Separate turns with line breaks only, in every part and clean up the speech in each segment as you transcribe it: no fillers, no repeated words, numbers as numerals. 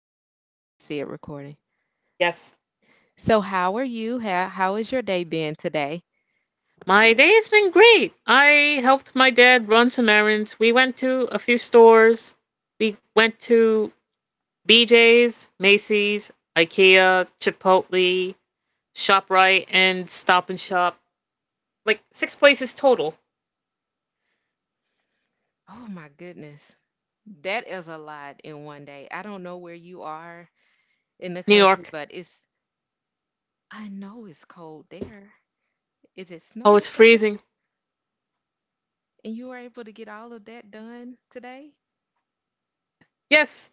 see it. I can see it recording.
Yes.
So how are you? How is your day been today?
My day has been great. I helped my dad run some errands. We went to a few stores. We went to BJ's, Macy's, IKEA, Chipotle, ShopRite, and Stop and Shop. Like six places total.
Oh my goodness. That is a lot in one day. I don't know where you are in the
New
country,
York.
but it's, I know it's cold there. Is it
Oh,
snowing
it's
up there?
freezing.
And you were able to get all of that done today?
Yes.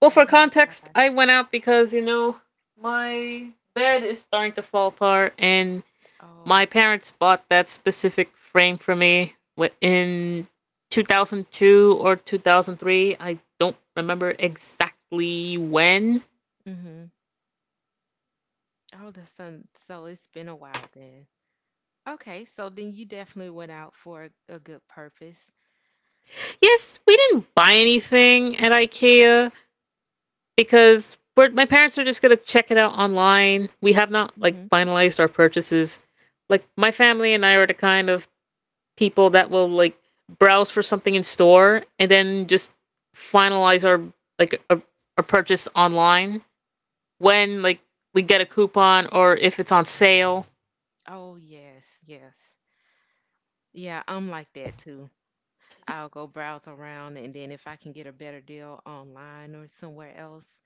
Well,
Oh
for
my
context, I
gosh.
went out because my bed is starting to fall apart, and my
Oh,
parents bought that specific frame for me in 2002 or 2003. I don't remember exactly when.
okay. Mm-hmm. Oh, the sun. So it's been a while then. Okay, so then you definitely went out for a good purpose.
Yes, we didn't buy anything at IKEA because my parents are just going to check it out online. We have not like
Mm-hmm.
finalized our purchases. Like my family and I are the kind of people that will like browse for something in store and then just finalize our like a purchase online when like we get a coupon or if it's on sale.
Oh, yes, yes. Yeah, I'm like that too. I'll go browse around and then if I can get a better deal online or somewhere else,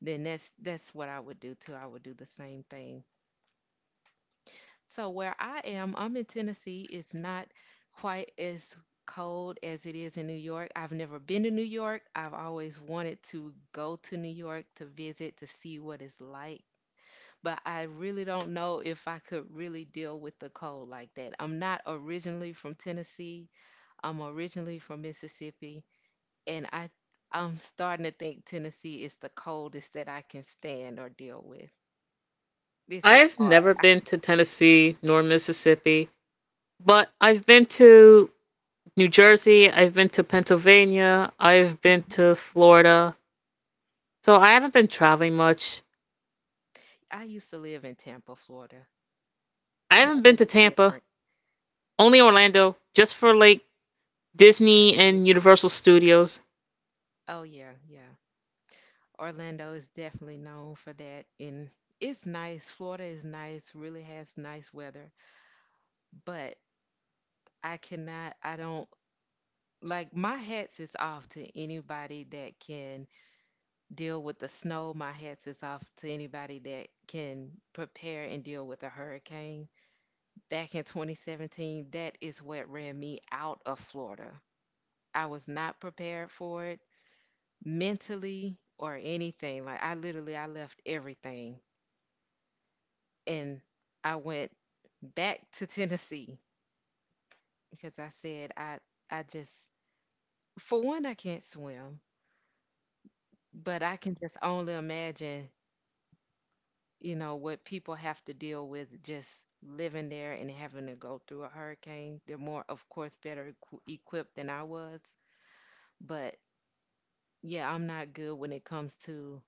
then that's what I would do too. I would do the same thing. So where I am, I'm in Tennessee, it's not quite as cold as it is in New York. I've never been to New York. I've always wanted to go to New York to visit to see what it's like. But I really don't know if I could really deal with the cold like that. I'm not originally from Tennessee. I'm originally from Mississippi. And I 'm starting to think Tennessee is the coldest that I can stand or deal with. This is
I've
hard.
never
I,
been to Tennessee nor Mississippi, but I've been to New Jersey, I've been to Pennsylvania, I've been
mhm.
to Florida. So I haven't been traveling much.
I used to live in Tampa, Florida.
I
Now
haven't been
that's
to Tampa,
different.
only Orlando, just for like Disney and
Mhm.
Universal Studios.
Oh yeah, yeah. Orlando is definitely known for that, and it's nice. Florida is nice. Really has nice weather, but I cannot. I don't like my hats is off to anybody that can deal with the snow. My hats is off to anybody that can prepare and deal with a hurricane. Back in 2017, that is what ran me out of Florida. I was not prepared for it mentally or anything. Like I literally I left everything and I went back to Tennessee because I said I just for one I can't swim, but I can just only imagine what people have to deal with just living there and having to go through a hurricane. They're more, of course, better equipped than I was. But yeah, I'm not good when it comes to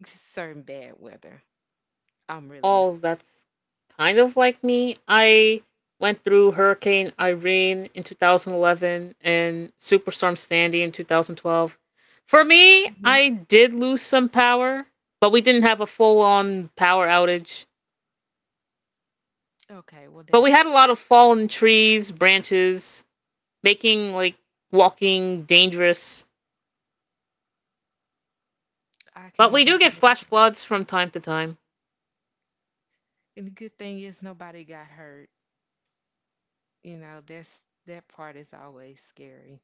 certain bad weather. I'm really not.
Oh, that's kind of like me. I went through Hurricane Irene in 2011 and Superstorm Sandy in 2012. For me,
Hmm.
I did lose some power, but we didn't have a full on power outage.
Okay, well,
But we
that's,
had a lot of fallen trees, branches, making like walking dangerous.
I can
But we
only
do get flash
imagine.
floods from time to time.
And the good thing is nobody got hurt. You know, that part is always scary.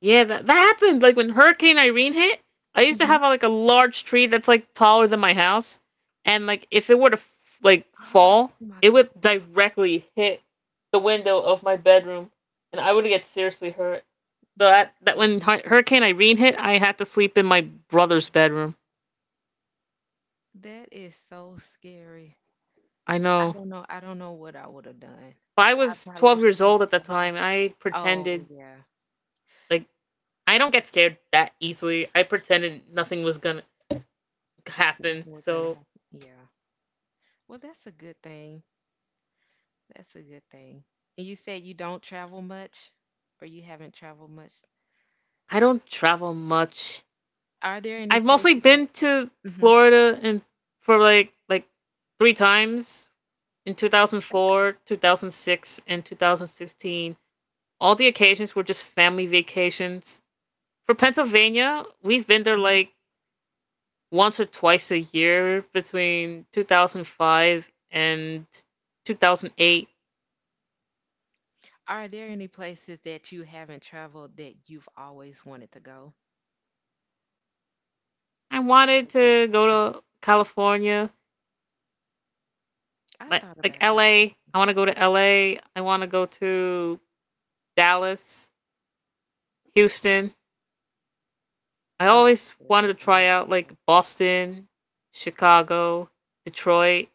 Yeah, that happened. Like when Hurricane Irene hit, I used to
Hmm.
have like a large tree that's like taller than my house, and like if it were to like
Oh
fall,
my
it would
gosh,
directly hit the window of my bedroom, and I would get seriously hurt. So
that
that
is
that
scary.
when Hurricane Irene hit, I had to sleep in my brother's bedroom.
That is so scary.
I
I
know.
don't know. I don't know what I would have done.
Well, I
I
was
probably
12
would have
years old
just
at the
left.
time. I
I, oh
pretended
yeah,
like I don't get scared that easily. I pretended nothing was gonna happen.
nothing was gonna
So
happen. Yeah. Well, that's a good thing. That's a good thing. And you said you don't travel much, or you haven't traveled much.
I don't travel much.
Are there any
I've mostly
places that?
been to
Hmm.
Florida and for like three times in
Okay.
2004, 2006, and 2016. All the occasions were just family vacations. For
Okay.
Pennsylvania, we've been there
Hmm.
like once or twice a year between 2005 and 2008.
Are there any places that you haven't traveled that you've always wanted to go?
I wanted
Like,
to go to California,
I
like
thought
like
about California.
LA. I want to go to LA. I want to go to Dallas, Houston. I
Oh,
always
I lived
wanted to
down there
try out
before.
like Boston, Chicago, Detroit,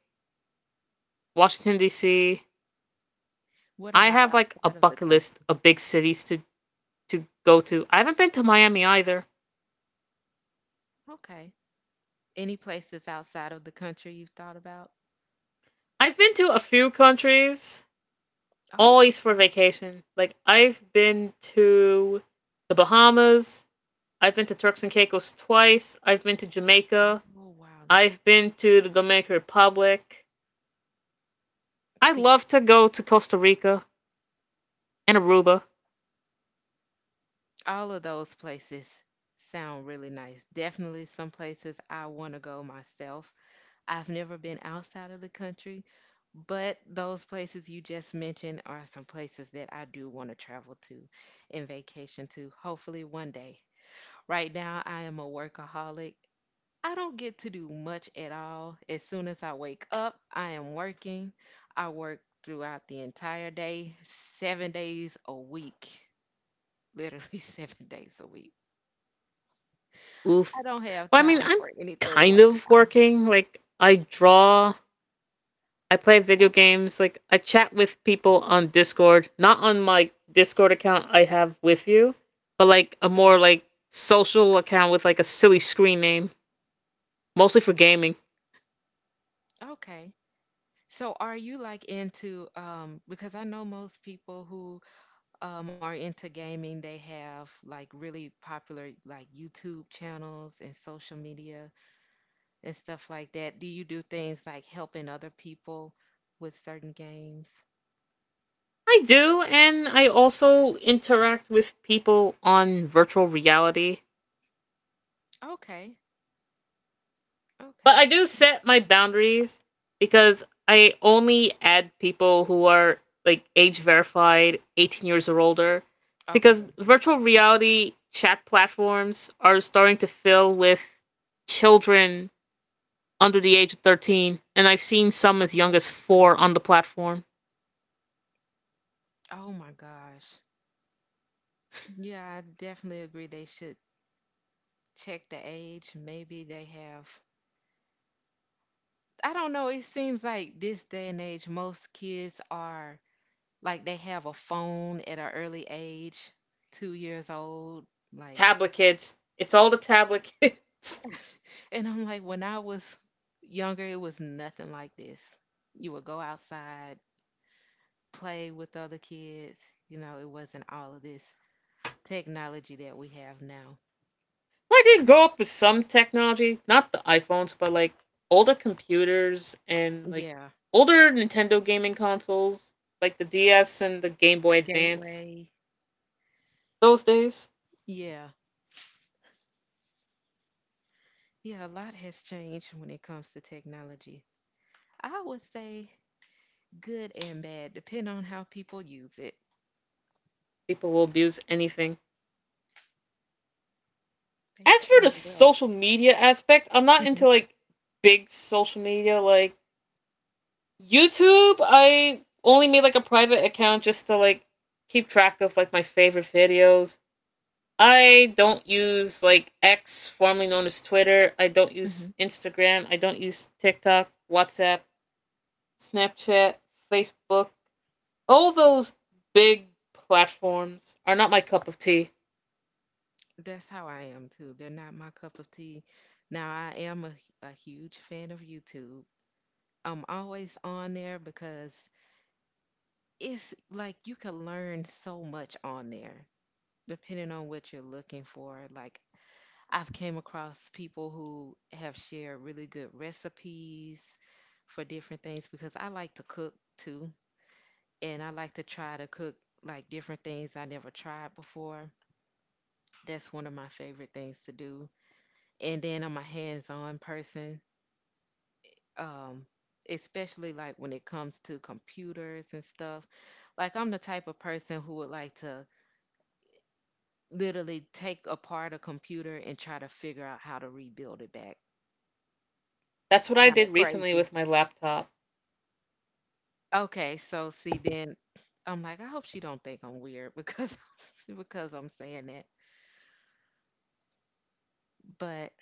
Washington D.C.
What
I
about
have like a
outside of the
bucket list
country?
of big cities to go to. I haven't been to Miami either.
Okay. Any places outside of the country you've thought about?
I've been to a few countries,
Oh,
always for
okay.
vacation. Like I've been to the Bahamas. I've been to Turks and Caicos twice. I've been to Jamaica.
Oh, wow, that's
I've
beautiful.
been to the Dominican Republic. I
See,
love to go to Costa Rica and Aruba.
all of those places sound really nice. Definitely some places I want to go myself. I've never been outside of the country, but those places you just mentioned are some places that I do want to travel to and vacation to, hopefully one day. Right now, I am a workaholic. I don't get to do much at all. As soon as I wake up, I am working. I work throughout the entire day, 7 days a week, literally 7 days a week. I
Oof.
don't have
Well, I mean,
time
I'm
for anything
kind
right
of
now.
working. Like, I draw, I play video
Okay.
games, like, I chat with people on Discord, not on my Discord account I have with you, but like a more
Mhm.
like social account with like a silly screen name, mostly for gaming.
Okay. So are you like into because I know most people who are into gaming, they have like really popular like YouTube channels and social media and stuff like that. Do you do things like helping other people with certain games?
I do, and I also interact with people on virtual reality.
Okay.
But
Okay.
I do set my boundaries because I only add people who are like age verified, 18 years or older,
Okay.
because
Yeah.
virtual reality chat platforms are starting to fill with children under the age of 13, and I've seen some as young
Oh,
as four on the
goodness.
platform.
Oh, my gosh. Yeah, I definitely agree. They should check the age. Maybe they have. I don't know. It seems like this day and age, most kids are like they have a phone at an early age, 2 years old. Like,
Tablet kids. It's all the tablet kids.
and I'm like, when I was younger, it was nothing like this. You would go outside play with other kids. You know, it wasn't all of this technology that we have now.
Well, I did grow up with some technology, not the iPhones, but like older computers and like
Yeah.
older Nintendo gaming consoles, like the DS and the Game Boy Advance.
Gateway.
Those days,
Yeah, yeah, a lot has changed when it comes to technology. I would say good and bad, depending on how people use it.
people will abuse anything.
They
As for the
certainly will.
social media aspect, I'm not
Hmm.
into like big social media like YouTube. I only made like a private account just to like keep track of like my favorite videos. I don't use like X, formerly known as Twitter. I don't
Hmm.
use Instagram. I don't use TikTok, WhatsApp, Snapchat, Facebook. All those big platforms are not my cup of tea.
That's how I am too. They're not my cup of tea. Now, I am a huge fan of YouTube. I'm always on there because it's like you can learn so much on there. Depending on what you're looking for, like I've came across people who have shared really good recipes for different things because I like to cook too, and I like to try to cook like different things I never tried before. That's one of my favorite things to do. And then I'm a hands-on person, um especially like when it comes to computers and stuff. Like I'm the type of person who would like to literally take apart a computer and try to figure out how to rebuild it back.
That's
It's
what I
kind of
did recently
crazy.
with my laptop.
Okay, so see then I'm like, I hope she don't think I'm weird because because I'm saying that. But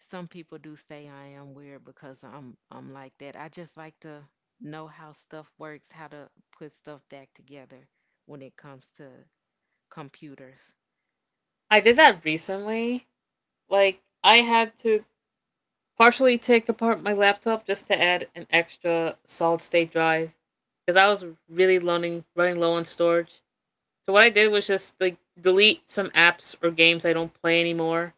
some people do say I am weird because I'm like that. I just like to know how stuff works, how to put stuff back together when it comes to computers.
I did that recently. Like, I had to partially take apart my laptop just to add an extra solid state drive because I was really running low on storage. So what I did was just like delete some apps or games I don't play anymore.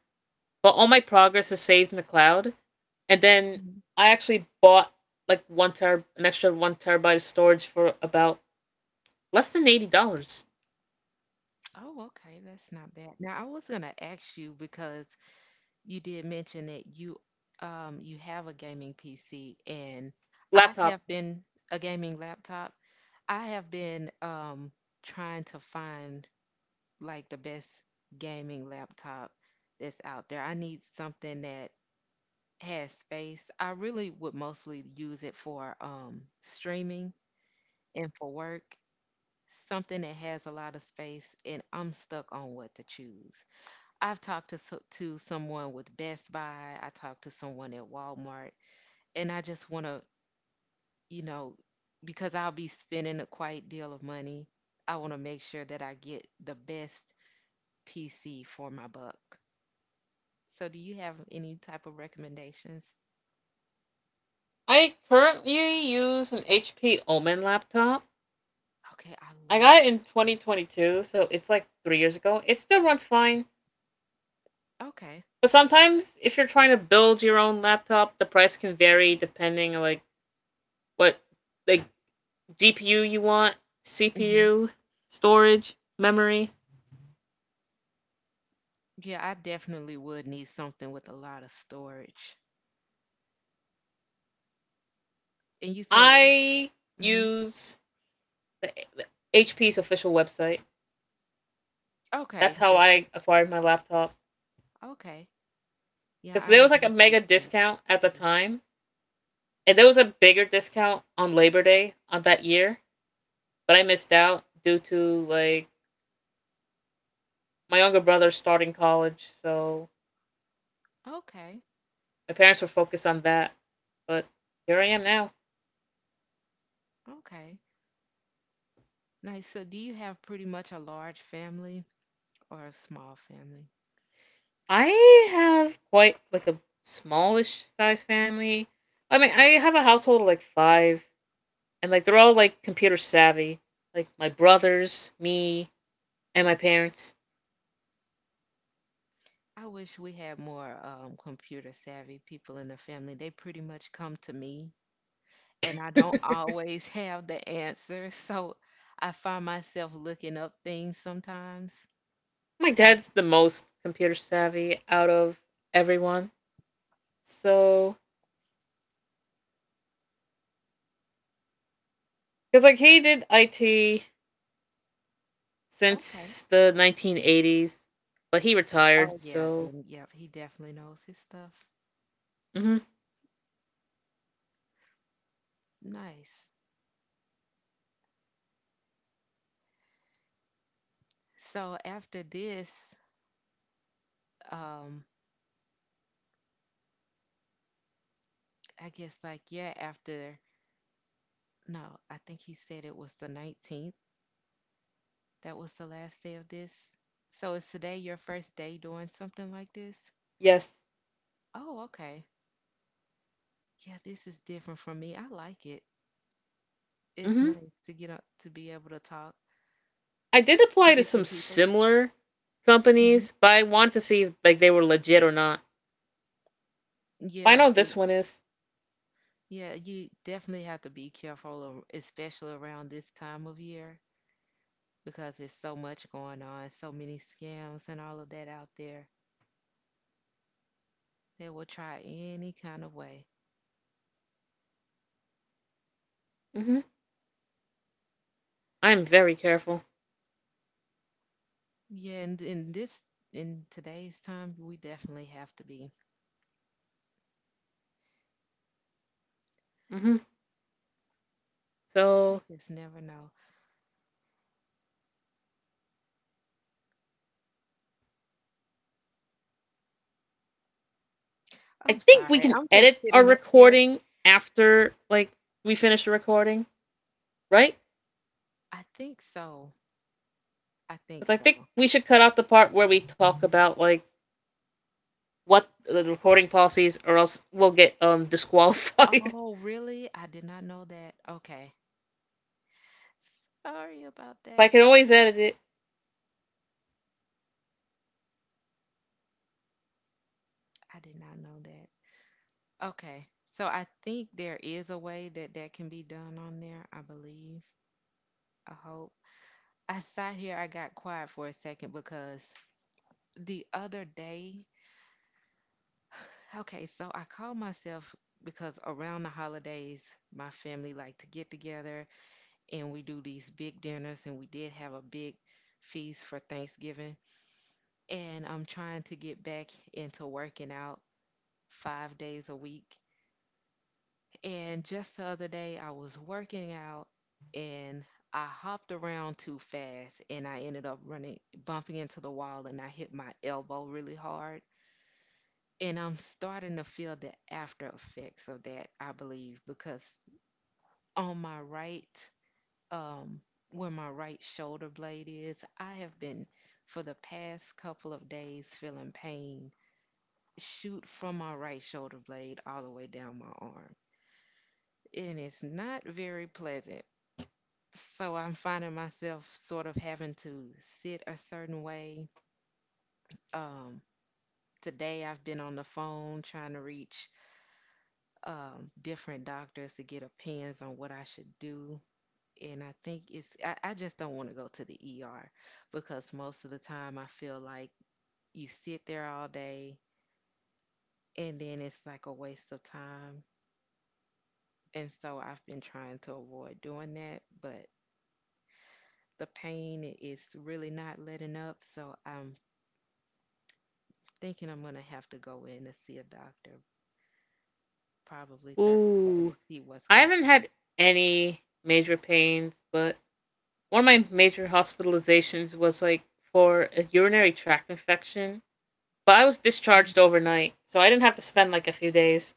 But all my progress is saved in the cloud. And then
Mhm.
I actually bought like one ter an extra one terabyte of storage for about less than $80.
Oh, okay, that's not bad. Now I was gonna ask you because you did mention that you you have a gaming PC and I
Laptop.
have been a gaming laptop. I have been trying to find like the best gaming laptop that's out there. I need something that has space. I really would mostly use it for streaming and for work. Something that has a lot of space and I'm stuck on what to choose. I've talked to to someone with Best Buy. I talked to someone at Walmart, and I just want to, you know, because I'll be spending a quite deal of money. I want to make sure that I get the best PC for my buck. So, do you have any type of recommendations?
I currently use an HP Omen laptop.
Okay, I
I
love
got it in
HP.
2022, so it's like 3 years ago. It still runs fine.
Okay.
But sometimes if you're trying to build your own laptop, the price can vary depending on like what like GPU you want,
Hmm.
CPU, storage, memory.
Yeah, I definitely would need something with a lot of storage. And you said what?
I
Hmm.
use the, the HP's official website.
Okay,
That's how
just
I
HP.
acquired my
Okay.
laptop
Okay. Yeah,
because
I am
there was like a
a huge
mega
fan of
discount at
XP.
the time, and there was a bigger discount on Labor Day on that year, but I missed out due to like my younger brother starting college, so
Okay,
my parents were focused on that. But here I am now.
okay. Nice. So, do you have pretty much a large family or a small family?
I have quite like a smallish size family. I mean, I have a household of like five, and like they're all like computer savvy. Like my brothers, me, and my parents.
I wish we had more computer savvy people in the family. They pretty much come to me, and I don't always have the answer. So, I find myself looking up things sometimes.
My
Hi,
dad's the most computer savvy out of everyone. So, because like he did IT
okay.
since the 1980s, but he retired.
Oh, yeah,
So,
then, yep, he definitely knows his stuff.
hmm
Nice. So, after this, um, I guess, like, yeah, after. No, I think he said it was the 19th. That was the last day of this. So is today your first day doing something like this?
yes.
Oh, okay. Yeah, this is different for me. I like it. It's
Hmm.
nice to get up to be able to talk
I did
to
apply to
different
some
people about.
similar
Hmm.
companies, but I wanted to see if, like they were legit or not. But I
Yeah,
know this one is.
yeah, you definitely have to be careful, especially around this time of year, because there's so much going on, so many scams and all of that out there. They will try any kind of way.
Mm-hmm. I'm very careful.
Yeah, and in this in today's time, we definitely have to be.
Mm-hmm.
You
So
just never know.
I
I'm
think we
sorry.
can
I'm just
edit our
sitting up here.
recording after like we finish the recording, right?
I think so. I think
Because I
so.
think we should cut out the part where we talk about like what the recording policies, or else we'll get disqualified.
Oh, really? I did not know that. Okay. Sorry about
But I
that.
can always edit it.
I did not know that. Okay. So I think there is a way that that can be done on there, I believe. I hope. I sat here, I got quiet for a second because the other day okay, so I call myself because around the holidays, my family like to get together and we do these big dinners, and we did have a big feast for Thanksgiving. And I'm trying to get back into working out 5 days a week. And just the other day, I was working out and I hopped around too fast and I ended up running, bumping into the wall, and I hit my elbow really hard. And I'm starting to feel the after effects of that, I believe, because on my right, um, where my right shoulder blade is, I have been for the past couple of days feeling pain shoot from my right shoulder blade all the way down my arm. And it's not very pleasant. So I'm finding myself sort of having to sit a certain way. Um, Today I've been on the phone trying to reach different doctors to get opinions on what I should do. And I think it's, I just don't want to go to the ER because most of the time I feel like you sit there all day and then it's like a waste of time. And so I've been trying to avoid doing that, but the pain is really not letting up. So I'm thinking I'm going to have to go in to see a doctor, probably Thursday,
Ooh,
to see what's
I
going
haven't
on.
had any major pains, but one of my major hospitalizations was like for a urinary tract infection, but I was discharged
Mhm.
overnight, so I didn't have to spend like a few days.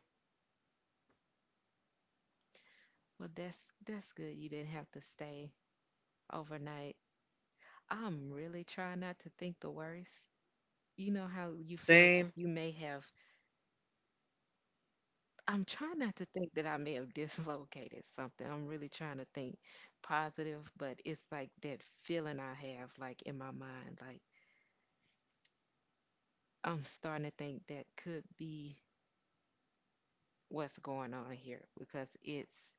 Well, that's good. You didn't have to stay overnight. I'm really trying not to think the worst. You know how you feel like
Same.
you may have, I'm trying not to think that I may have dislocated something. I'm really trying to think positive, but it's like that feeling I have, like in my mind, like I'm starting to think that could be what's going on here because it's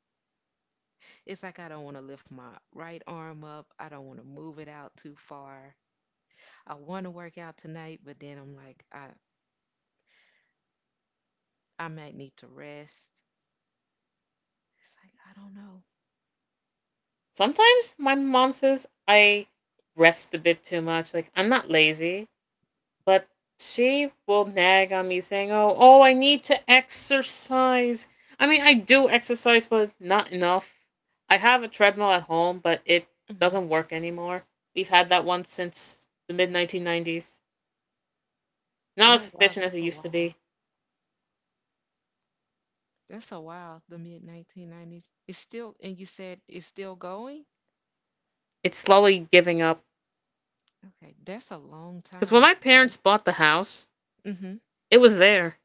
it's like I don't want to lift my right arm up. I don't want to move it out too far. I want to work out tonight, but then I'm like, I might need to rest. It's like I don't know.
Sometimes my mom says I rest a bit too much. Like I'm not lazy, but she will nag on me saying, "Oh, oh, I need to exercise." I mean, I do exercise, but not enough. I have a treadmill at home, but it
Mhm.
doesn't work anymore. We've had that one since the mid 1990s. Not
Oh
as
wow,
efficient as it
that's a
used to
while.
be.
That's a while. The mid 1990s. It's still, and you said it's still going.
It's slowly giving up.
Okay, that's a long
Because when
time.
my parents
That's
bought the house,
hmm
it was there.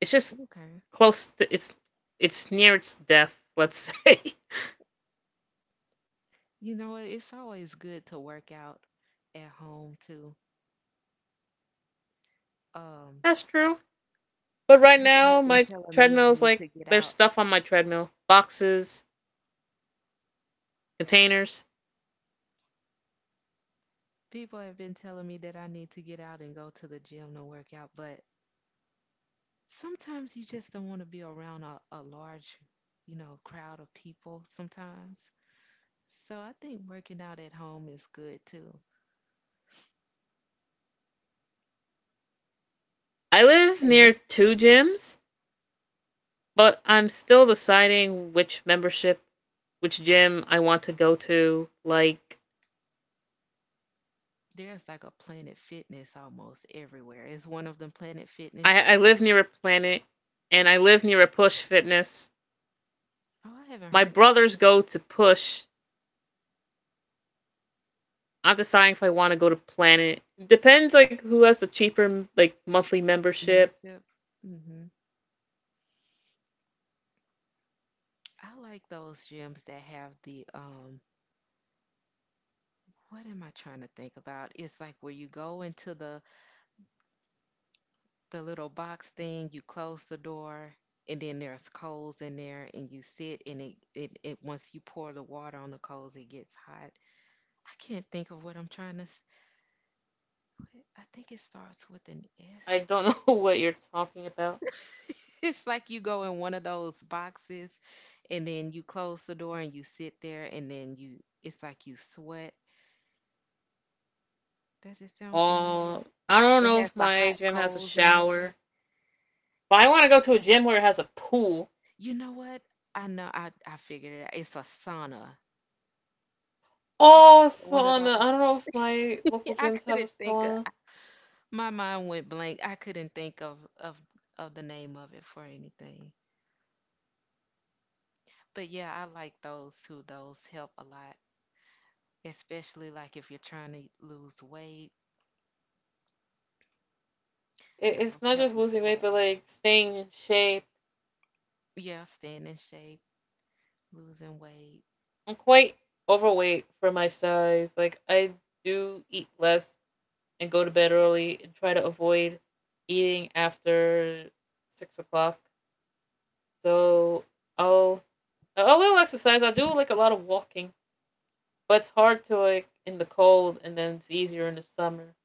It's just
okay.
close to, it's near its death. Let's say
You know what? It's always good to work out at home too. Um,
that's true. But right
People have
now,
been
my
telling me I
treadmill's
need to
like
get
there's
out.
stuff on my treadmill, boxes, containers.
People have been telling me that I need to get out and go to the gym to work out, but sometimes you just don't want to be around a large, you know, crowd of people sometimes. So I think working out at home is good too.
I live
And there,
near two gyms, but I'm still deciding which membership, which gym I want to go to. Like
there's like a Planet Fitness almost everywhere. Is one of them Planet Fitness.
I live near a Planet, and I live near a Push Fitness.
Oh, I haven't
My
heard of.
brothers go to Push. I'm deciding if I want to go to Planet. Depends like who has the cheaper like monthly membership.
Mm-hmm. I like those gyms that have the what am I trying to think about? It's like where you go into the little box thing, you close the door, and then there's coals in there and you sit and it once you pour the water on the coals it gets hot. I can't think of what I'm trying to I think it starts with an
I
S.
don't know what you're talking about.
It's like you go in one of those boxes and then you close the door and you sit there and then you it's like you sweat. Does it sound
Uh,
familiar?
I don't
It
know
has
if
the
my
hot
gym has a
coals in there.
shower, but I want to go to a gym where it has a pool.
You know what? I know I figured it out. It's a sauna. Have you
Oh,
heard of one of
sauna. I don't know if my
those?
local
I
gyms have a
couldn't think
sauna.
of my mind went blank. I couldn't think of of the name of it for anything. But yeah, I like those too. Those help a lot, especially like if you're trying to lose weight.
It's
Those
not
help
just
you
losing weight,
sweat.
but like staying in shape.
Yeah, staying in shape, losing weight.
I'm quite overweight for my size. Like I do eat less and go to bed early and try to avoid eating after 6 o'clock. So I'll a little exercise. I do like a lot of walking, but it's hard to like in the cold, and then it's easier in the summer.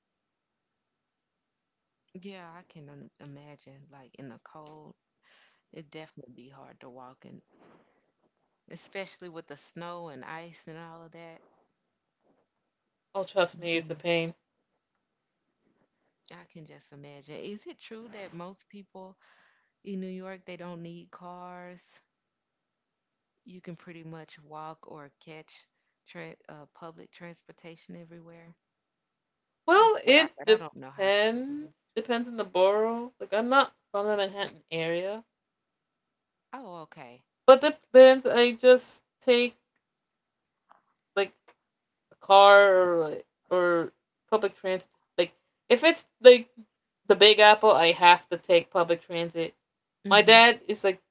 Yeah, I can imagine. Like in the cold, it definitely be hard to walk in, especially with the snow and ice and all of that.
Oh, trust me, it's a
Mm-mm,
pain.
I can just imagine. Is it true that most people in New York they don't need cars? You can pretty much walk or catch public transportation everywhere. That's
Well,
what I
it
heard. I don't know how true it
depends.
is.
Depends on the borough. Like I'm not from the Manhattan area,
Oh, okay.
but depends. I just take like a car or public transit. Like if it's like the Big Apple, I have to take public transit. My
Mhm.
dad is like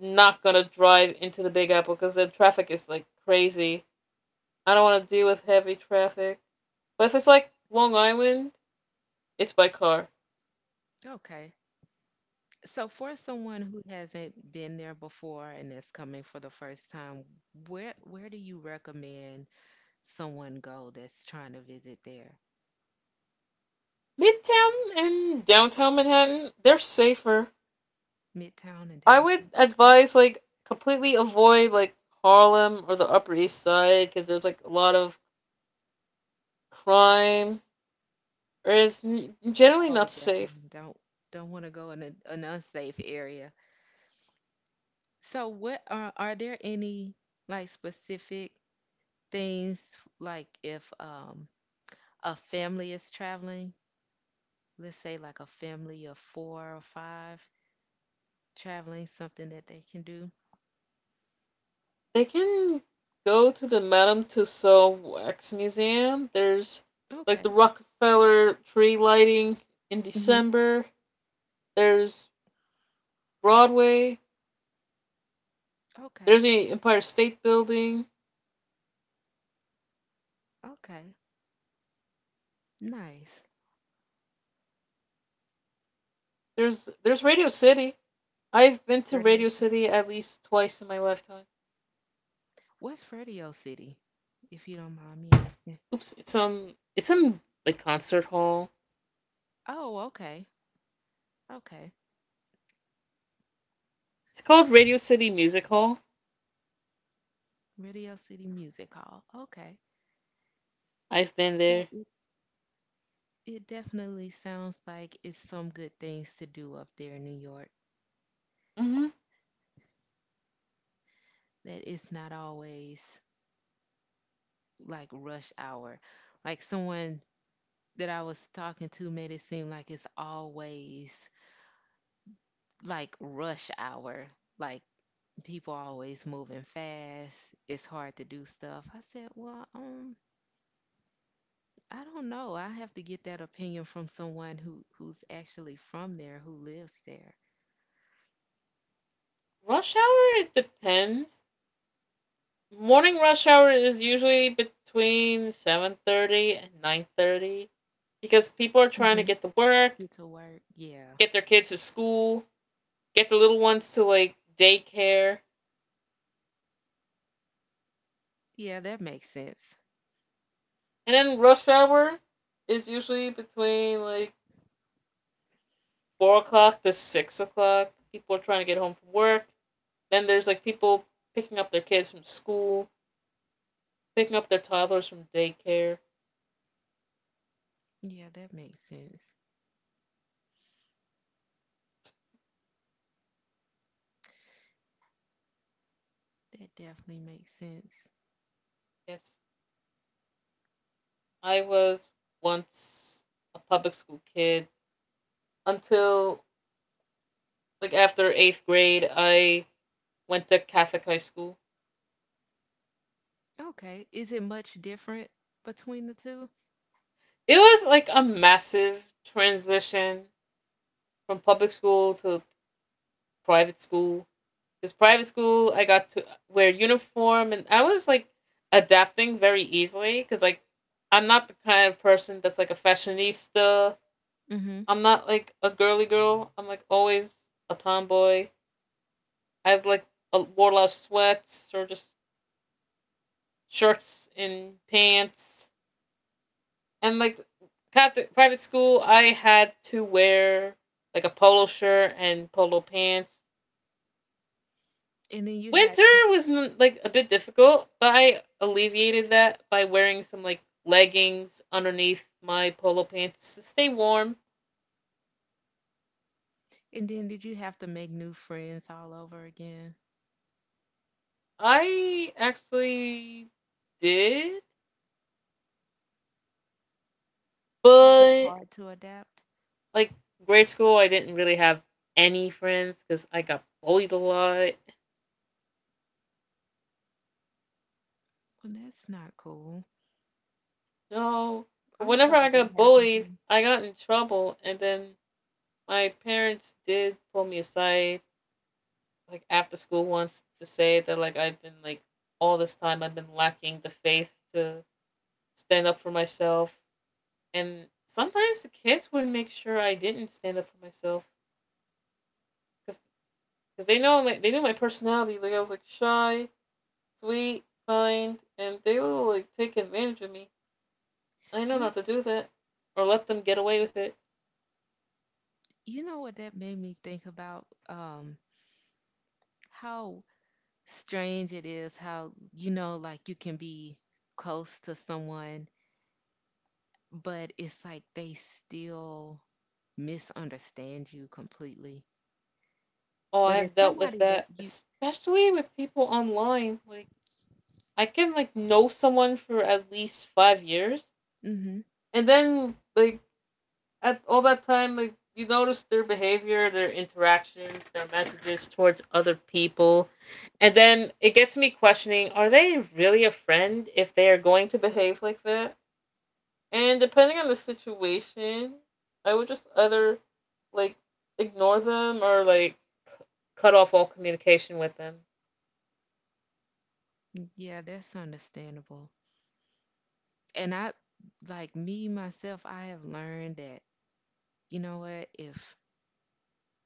not gonna drive into the Big Apple because the traffic is like crazy. I don't want to deal with heavy traffic. But if it's like Long Island, it's by car.
Okay. So, for someone who hasn't been there before and is coming for the first time, where do you recommend someone go that's trying to visit there?
Midtown and downtown Manhattan, they're safer.
Midtown and
I would
downtown. Okay.
advise like completely avoid like Harlem or the Upper East Side because there's like a lot of crime or generally
Oh,
not safe.
definitely don't want to go in a, an unsafe area. So, what are there any like specific things like if a family is traveling, let's say like a family of four or five traveling, something that they can do?
They can go to the Madame Tussauds Wax Museum. There's like
Okay.
the Rockefeller tree lighting in December. There's Broadway.
Okay.
There's the Empire State Building.
Okay. Nice.
There's Radio City. I've been to
Radio.
Radio City at least twice in my lifetime.
What's Radio City? If you don't mind me asking.
Oops, it's some like concert hall.
Oh, okay. Okay.
It's called Radio City Music Hall.
Radio City Music Hall. Okay.
I've been
So
there.
it definitely sounds like it's some good things to do up there in New York.
Mm-hmm.
That it's not always like rush hour. Like someone that I was talking to made it seem like it's always like rush hour. Like people always moving fast. It's hard to do stuff. I said, well, I don't know. I have to get that opinion from someone who's actually from there, who lives there.
Rush hour, it depends. Morning rush hour is usually between 7:30 and 9:30 because people are trying to
Hmm.
get to work,
Get to work. Yeah,
get their kids to school, get their little ones to like daycare.
yeah, that makes sense.
And then rush hour is usually between like 4 o'clock to 6 o'clock. People are trying to get home from work. Then there's like people picking up their kids from school, picking up their toddlers from daycare.
Yeah, that makes sense. That definitely makes sense.
Yes, I was once a public school kid until like after eighth grade, I went to Catholic high school.
Okay, is it much different between the two?
It was like a massive transition from public school to private school. Because private school, I got to wear uniform, and I was like adapting very easily. Because like I'm not the kind of person that's like a fashionista.
Mm-hmm.
I'm not like a girly girl. I'm like always a tomboy. I have like a wore a lot of sweats or just shirts and pants. And like Catholic private school, I had to wear like a polo shirt and polo pants.
And then you had to,
Winter was like a bit difficult, but I alleviated that by wearing some like leggings underneath my polo pants to stay warm.
and then did you have to make new friends all over again?
I actually did,
Was it
but
hard to adapt?
like grade school, I didn't really have any friends because I got bullied a lot.
Well, that's not cool.
No, but
I'm
whenever
sorry
I
that
got
happened to
bullied,
you.
I got in trouble, and then my parents did pull me aside like after school once to say that like I've been like all this time I've been lacking the faith to stand up for myself, and sometimes the kids would make sure I didn't stand up for myself cuz cuz they know my, they knew my personality. Like I was like shy, sweet, kind, and they will like take advantage of me. I know not
You,
to do that or let them get away with it.
you know what that made me think about? How strange it is how, you know, like you can be close to someone, but it's like they still misunderstand you completely.
Oh,
But
I've
it's
dealt with
somebody
that
that you,
especially with people online. Like I can like know someone for at least 5 years,
hmm,
and then like at all that time, like you notice their behavior, their interactions, their messages towards other people, and then it gets me questioning: are they really a friend if they are going to behave like that? And depending on the situation, I would just either like ignore them or like cut off all communication with them.
yeah, that's understandable. And I, like me myself, I have learned that, you know what, if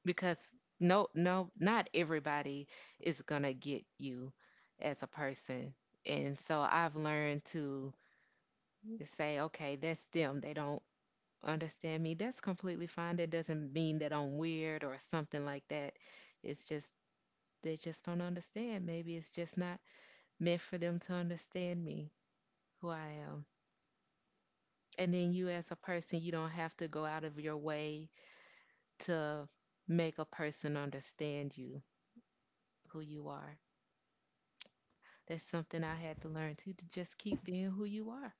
because no not everybody is going to get you as a person, and so I've learned to say, okay, that's them, they don't understand me, that's completely fine, that doesn't mean that I'm weird or something like that. It's just they just don't understand. Maybe it's just not meant for them to understand me, who I am. And then you as a person, you don't have to go out of your way to make a person understand you, who you are. That's something I had to learn too, to just keep being who you are.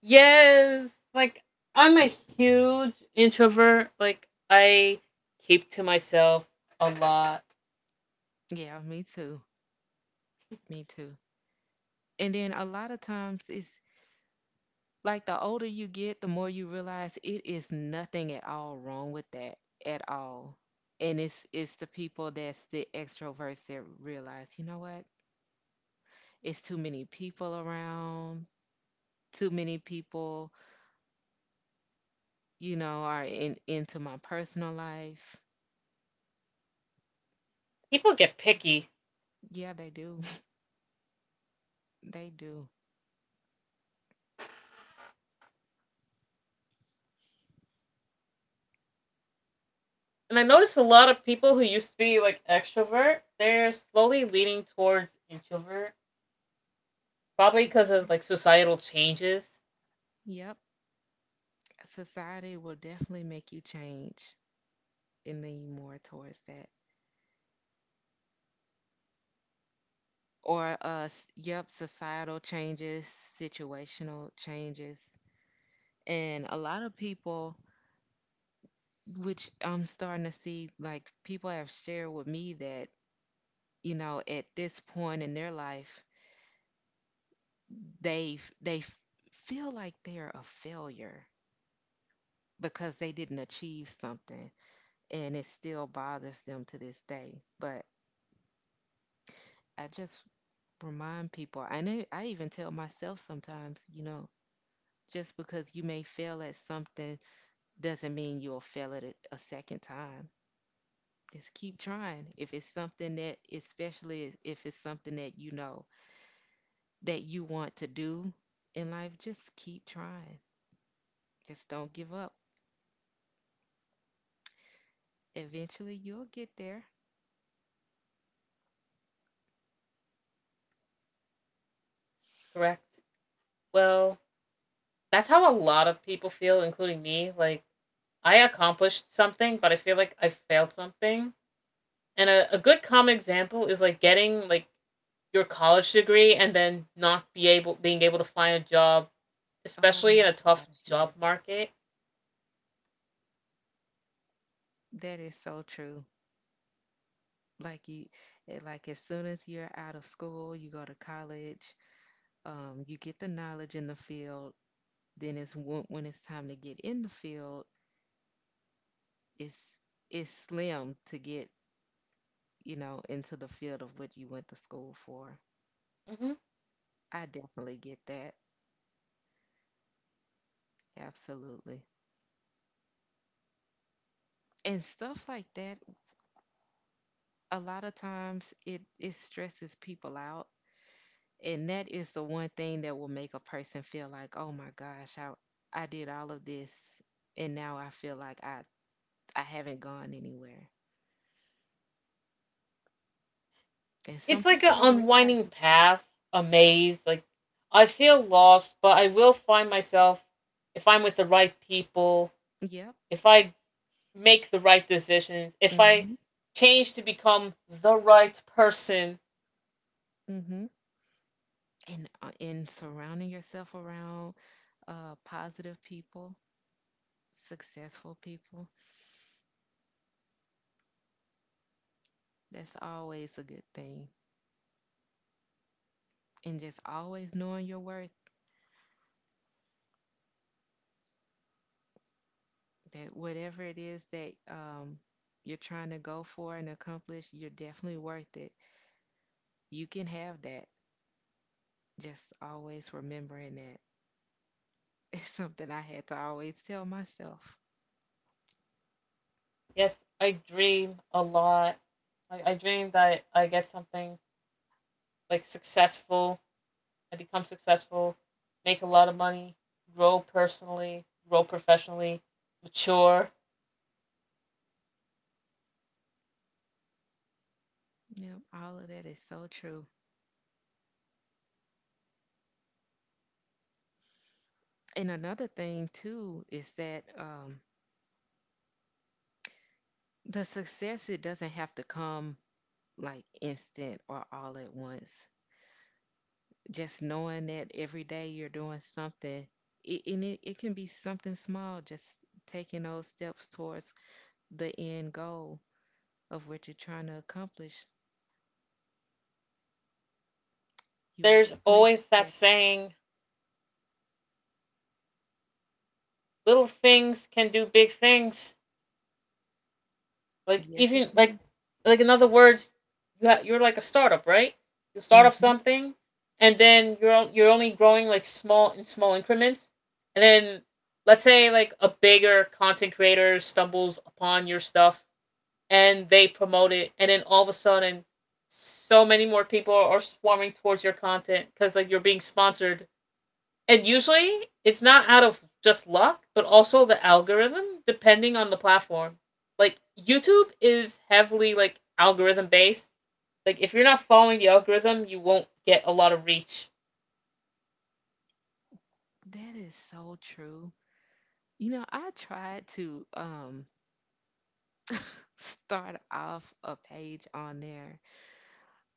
Yes, like I'm a huge introvert. Like I keep to myself a lot.
Yeah, me too. Me too. And then a lot of times it's like the older you get, the more you realize it is nothing at all wrong with that at all. And it's the people that's the extroverts that realize, you know what? It's too many people around. Too many people, you know, are in into my personal life.
People get picky.
Yeah, they do. They do.
And I noticed a lot of people who used to be like extrovert, they're slowly leaning towards introvert, probably because of
Yeah.
like societal changes,
Yep. Society will definitely make you change and lean more towards that. Or, yep, societal changes, situational changes. And a lot of people, which I'm starting to see, like people have shared with me that, you know, at this point in their life, they've they f- feel like they're a failure because they didn't achieve something, and it still bothers them to this day. But I just remind people, and it, I even tell myself sometimes, you know, just because you may fail at something doesn't mean you'll fail at it a second time. Just keep trying, if it's something that, especially if it's something that you know that you want to do in life, just keep trying, just don't give up, eventually you'll get there.
correct? Well, that's how a lot of people feel, including me. Like I accomplished something, but I feel like I failed something. And a good common example is like getting like your college degree and then not be able being able to find a job,
Oh
especially in
my
a tough
gosh,
job
yes,
market.
that is so true. like you like as soon as you're out of school you go to college, you get the knowledge in the field, then it's when it's time to get in the field, it's it's slim to get, you know, into the field of what you went to school for.
Hmm.
I definitely get that, absolutely, and stuff like that. A lot of times it it stresses people out, and that is the one thing that will make a person feel like, oh my gosh, I did all of this and now I feel like I haven't gone anywhere. And some
It's like
people
an
don't realize
unwinding
it's like.
path, a maze. Like I feel lost, but I will find myself if I'm with the right people,
Yep.
if I make the right decisions, if I
Mm-hmm.
change to become the right person.
Mm-hmm. And in surrounding yourself around positive people, successful people, that's always a good thing. And just always knowing your worth, that whatever it is that you're trying to go for and accomplish, you're definitely worth it. You can have that. Just always remembering that. It's something I had to always tell myself.
Yes, I dream a lot. Like I dream that I get something like successful, I become successful, make a lot of money, grow personally, grow professionally, mature.
Yep, all of that is so true. And another thing too is that the success, it doesn't have to come like instant or all at once. Just knowing that every day you're doing something, it can be something small, just taking those steps towards the end goal of what you're trying to accomplish. You will
There's
definitely get
always that
there.
saying, little things can do big things. Like
Yes, it
even
can.
like in other words, you're like a startup, right? You start up
Hmm.
something and then you're only growing like small in small increments. And then let's say like a bigger content creator stumbles upon your stuff and they promote it, and then all of a sudden so many more people are swarming towards your content because like you're being sponsored, and usually it's not out of just luck but also the algorithm depending on the platform. Like YouTube is heavily like algorithm based. Like if you're not following the algorithm, you won't get a lot of reach.
That is so true. You know, I tried to start off a page on there,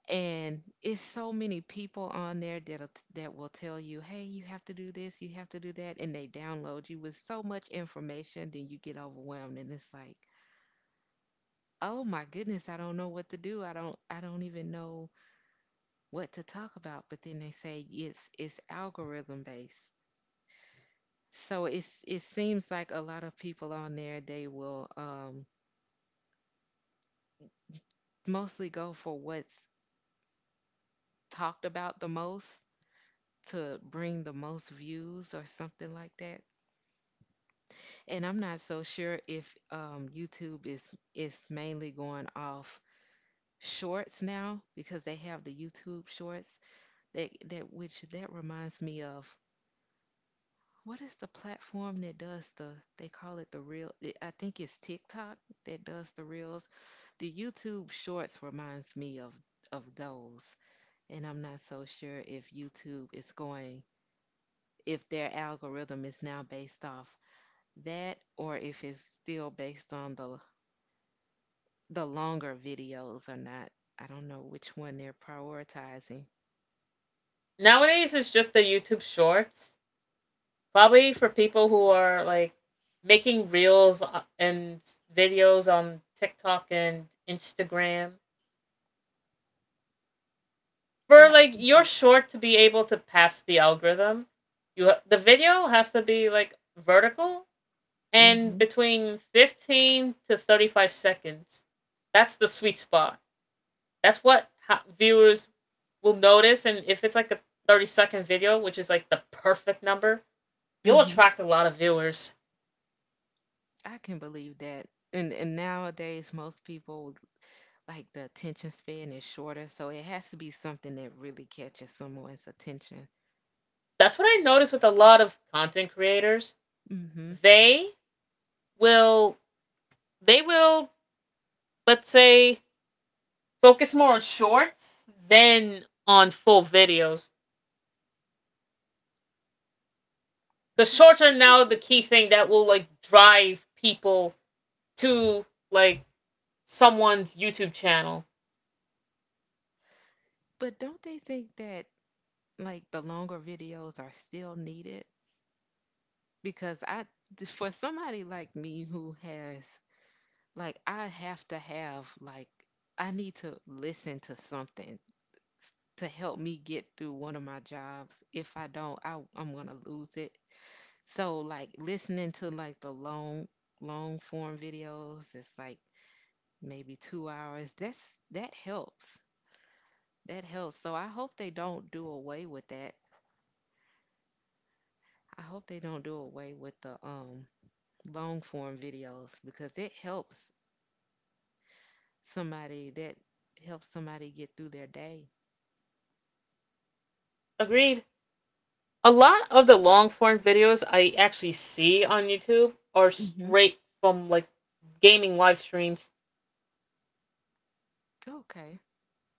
and it's so many people on there that that will tell you, "Hey, you have to do this, you have to do that," and they download you with so much information, then you get overwhelmed, and it's like, "Oh my goodness, I don't know what to do. I don't even know what to talk about." But then they say it's algorithm based, so it's it seems like a lot of people on there they will mostly go for what's talked about the most to bring the most views or something like that. And I'm not so sure if YouTube is mainly going off shorts now because they have the YouTube shorts that reminds me of what is the platform that does the, they call it the real, I think it's TikTok that does the reels. The YouTube shorts reminds me of those, and I'm not so sure if YouTube is going if their algorithm is now based off that or if it's still based on the longer videos are not. I don't know which one they're prioritizing.
Nowadays it's just the YouTube shorts, probably for people who are like making reels and videos on TikTok and Instagram.
Yeah,
For
I
like
can
your
see.
short to be able to pass the algorithm, the video has to be like vertical and
Mhm.
between 15 to 35 seconds. That's the sweet spot. That's what viewers will notice, and if it's like a 30-second video, which is like the perfect number, you'll
Mhm.
attract a lot of viewers.
I can believe that. And nowadays, most people, like, the attention span is shorter, so it has to be something that really catches someone's attention.
That's what I noticed with a lot of content creators.
Mhm.
They will they will let's say focus more on shorts than on full videos. Because
But
shorts are
don't
now
you,
the key thing that will like drive people to like someone's YouTube channel.
but don't they think that, like, the longer videos are still needed? Because I, for somebody like me who has, like, I have to have, like, I need to listen to something, s- to help me get through one of my jobs. If I don't, I'm gonna lose it. So, like, listening to, like, the long form videos, it's like maybe 2 hours. That helps. That helps. So I hope they don't do away with that. I hope they don't do away with the long form videos because it somebody that helps somebody get through their day.
Agreed. A lot of the long form videos I actually see on YouTube are straight from like gaming live streams.
Okay.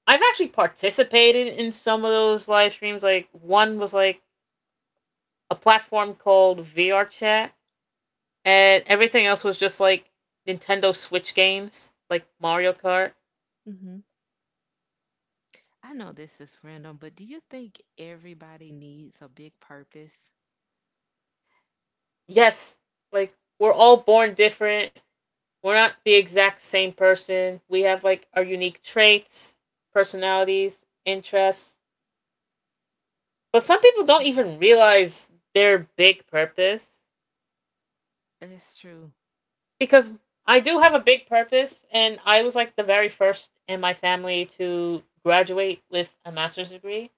I've actually participated in some of those live streams. Like one was like a platform called VR Chat, and everything else was just like Nintendo Switch games, like Mario Kart.
Hmm. I know this is random, but do you think everybody needs a big purpose?
Yes, like we're all born different. We're not the exact same person. We have like our unique traits, personalities, interests. But some people don't
Mm.
even realize their big purpose,
That's true.
because I do have a big purpose, and I was like the very first in my family to graduate with a master's degree,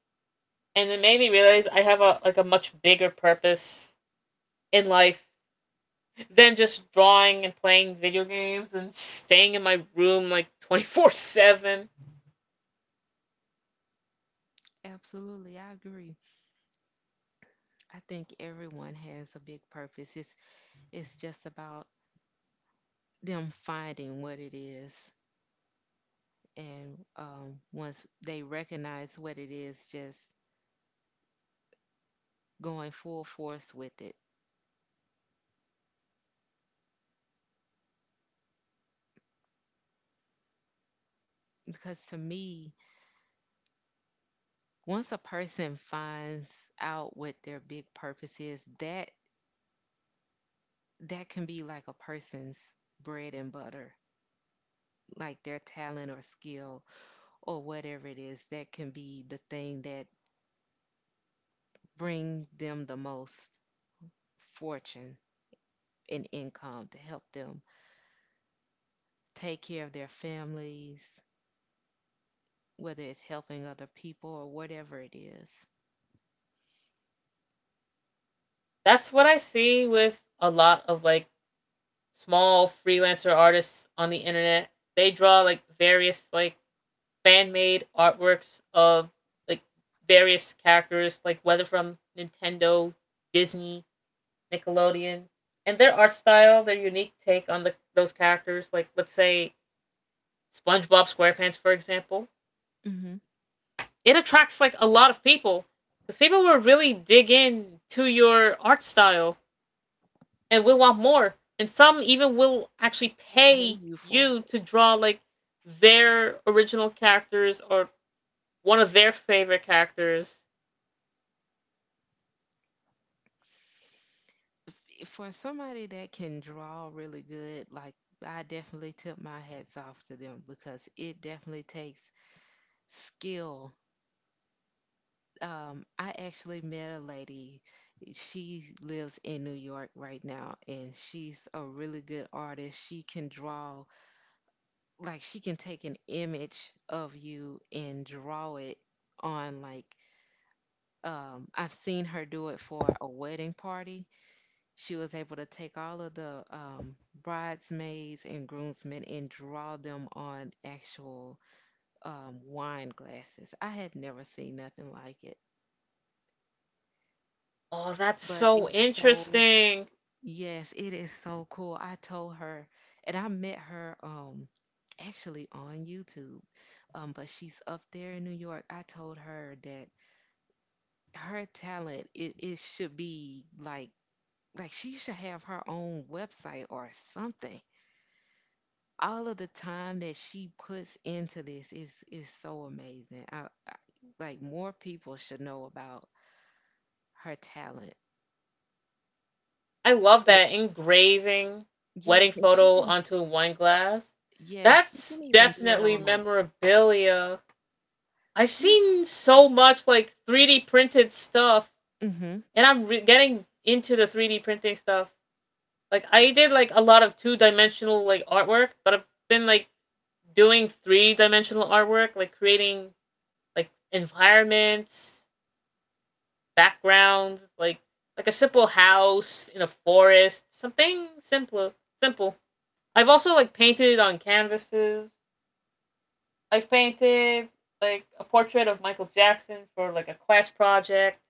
and it made me realize I have a like a much bigger purpose in life than just drawing and playing video games and staying in my room like 24/7.
Absolutely, I agree. I think everyone has a big purpose. It's just about them finding what it is, and once they recognize what it is, just going full force with it. Because to me, once a person finds out what their big purpose is, that can be like a person's bread and butter, like their talent or skill or whatever it is, that can be the thing that bring them the most fortune and income to help them take care of their families, whether it's helping other people or whatever it is.
That's what I see with a lot of like small freelancer artists on the internet. They draw like various like fan made artworks of like various characters, like whether from Nintendo, Disney, Nickelodeon, and their art style, their unique take on the those characters. Like let's say SpongeBob SquarePants, for example,
Mm-hmm.
it attracts like a lot of people because people will really dig in to your art style and will want more. And some even will actually
Pay
pay
you for
you
it.
to draw like their original characters or one of their favorite characters.
For somebody that can draw really good, like, I definitely tip my hats off to them because it definitely takes skill, I actually met a lady. She lives in New York right now, and she's a really good artist. She can draw, like, she can take an image of you and draw it, on, like, I've seen her do it for a wedding party. She was able to take all of the bridesmaids and groomsmen and draw them on actual wine glasses. I had never seen nothing like it,
Oh, that's
but
so
it's so.
interesting.
Yes, it is so cool. I told her, and I met her actually on YouTube. But she's up there in New York. I told her that her talent, it should be like she should have her own website or something. All of the time that she puts into this is so amazing. I like more people should know about her talent.
I love
It,
that engraving
yes,
wedding
and she
photo
can,
onto a wine glass.
yes, she
That's
can even do it
definitely
on a.
memorabilia. I've
She.
seen so much like 3D printed stuff,
Mhm.
and getting into the 3D printing stuff. Like I did like a lot of two-dimensional like artwork, but I've been like doing three-dimensional artwork, like creating like environments backgrounds, like a simple house in a forest, something simple, simple. I've also like painted on canvases. I've painted like a portrait of Michael Jackson for like a class project.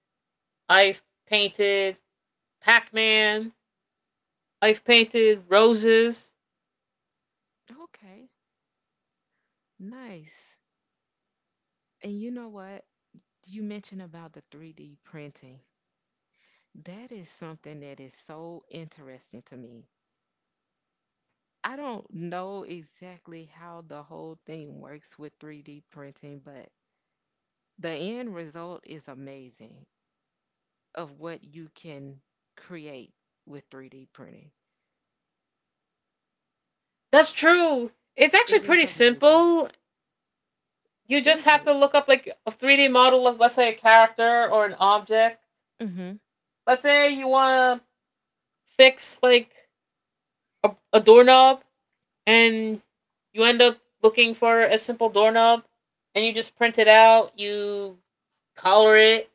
I've painted Pac-Man. I've painted roses.
Okay, nice. And you know what? You mentioned about the 3D printing. That is something that is so interesting to me. I don't know exactly how the whole thing works with 3D printing, but the end result is amazing of what you can create with 3D printing.
That's true. It's
It
actually
is
pretty
amazing.
simple. You just
Is
have
it?
to look up like a 3D model of let's say a character or an object.
Mm-hmm.
Let's say you want to fix like a doorknob, and you end up looking for a simple doorknob, and you just print it out, you color it.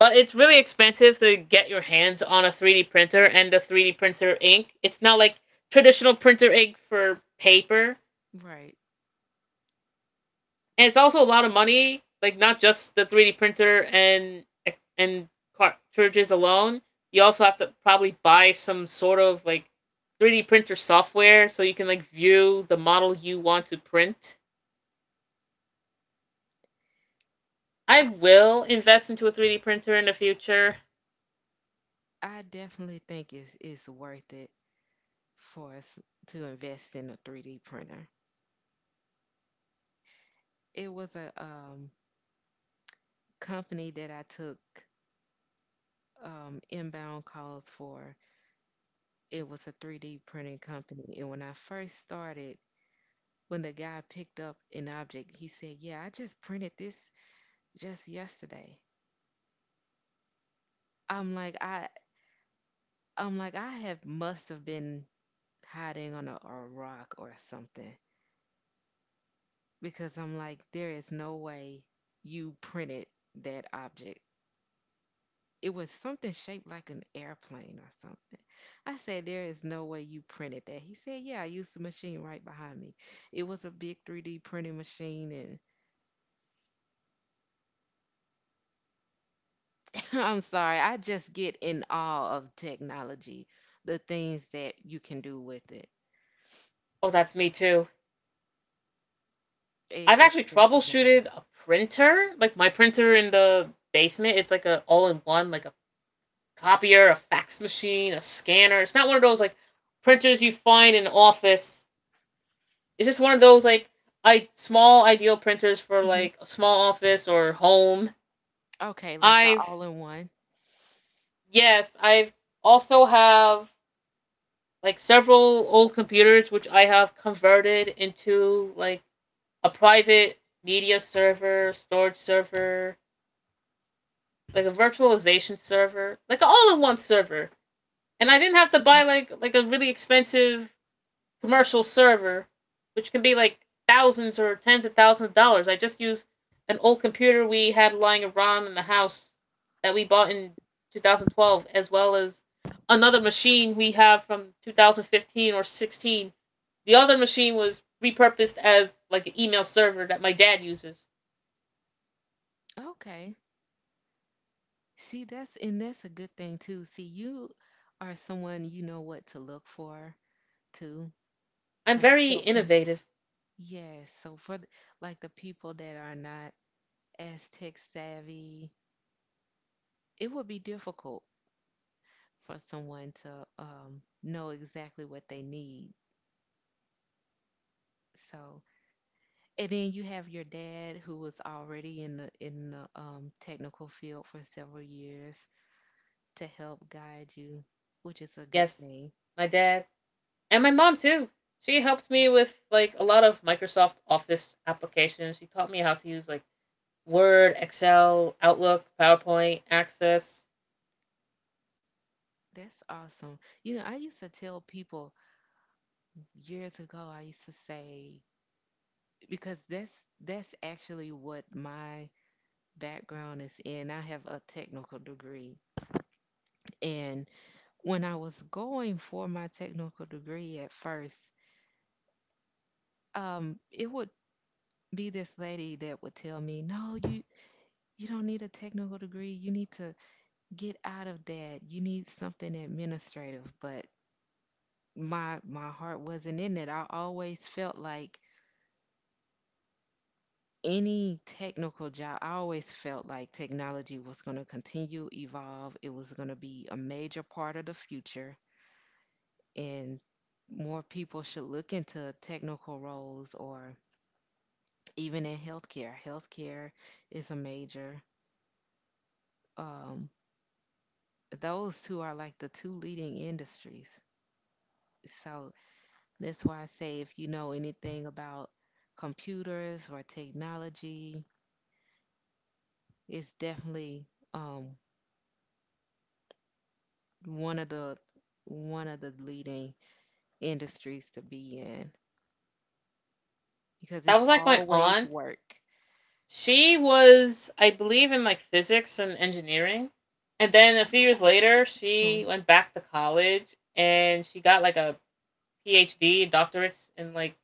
But it's really expensive to get your hands on a 3D printer and the 3D printer ink. It's not like traditional printer ink for paper.
Right.
And it's also a lot of money, like not just the 3D printer and cartridges alone. You also have to probably buy some sort of like 3D printer software so you can like view the model you want to print. I
I
will invest into a 3D printer in the future.
I definitely think it's worth it for us to invest in a 3D printer. It was a company that I took inbound calls for. It was a 3D printing company. And when I first started, when the guy picked up an object, he said, "Yeah, I just printed this just yesterday." I'm like, I'm like, I have must have been hiding on a rock or something because I'm like, there is no way you printed that object. It was something shaped like an airplane or something. I said, "There is no way you printed that." He said, "Yeah, I used the machine right behind me." It was a big 3D printing machine. And I'm sorry, I just get in awe of technology, the things that you can do with it.
Oh, that's me too.
it
I've
it's
actually
just amazing.
troubleshooted a printer, like my printer in the basement. It's like a all-in-one, like a copier, a fax machine, a scanner. It's not one of those like printers you find in an office. It's just one of those like I small ideal printers for
Hmm.
like a small office or home.
Okay, like the
I've
all in one.
yes, I've also have like several old computers which I have converted into like a private media server, storage server, like a virtualization server, like an all-in-one server. And I didn't have to
Hmm.
buy like a really expensive commercial server, which can be like thousands or tens of thousands of dollars. I just used an old computer we had lying around in the house that we bought in 2012, as well as another machine we have from 2015 or 16. The other machine was repurposed as like an email server that my dad uses.
Okay. See, that's and that's a good thing too. See, you are someone, you know what to look for too.
I'm
Like
very
stuff.
innovative.
Yes, so for like the people that are not as tech savvy, it would be difficult for someone to know exactly what they need. So, and then you have your dad who was already in the technical field for several years to help guide you, which is a good
Yes,
thing.
my dad and my mom too. She helped me with like a lot of Microsoft Office applications. She taught me how to use like Word, Excel, Outlook, PowerPoint, Access.
That's awesome. You know, I used to tell people years ago, I used to say, because that's actually what my background is in. I have a technical degree. And when I was going for my technical degree at first, it would be this lady that would tell me, "No, you don't need a technical degree. You need to get out of that. You need something administrative." But my heart wasn't in it. I always felt like any technical job, I always felt like technology was going to continue evolve. It was going to be a major part of the future, and more people should look into technical roles or even in healthcare. Healthcare is a major. Um, those two are like the two leading industries. So that's why I say, if you know anything about computers or technology, it's definitely um, one of the one of the leading industries to be in because
That
it's
was like my
always
aunt.
work.
She was, I believe, in like physics and engineering. And then a few
Oh,
years
okay.
later,
So,
she went back to college and she got like a PhD, doctorate in like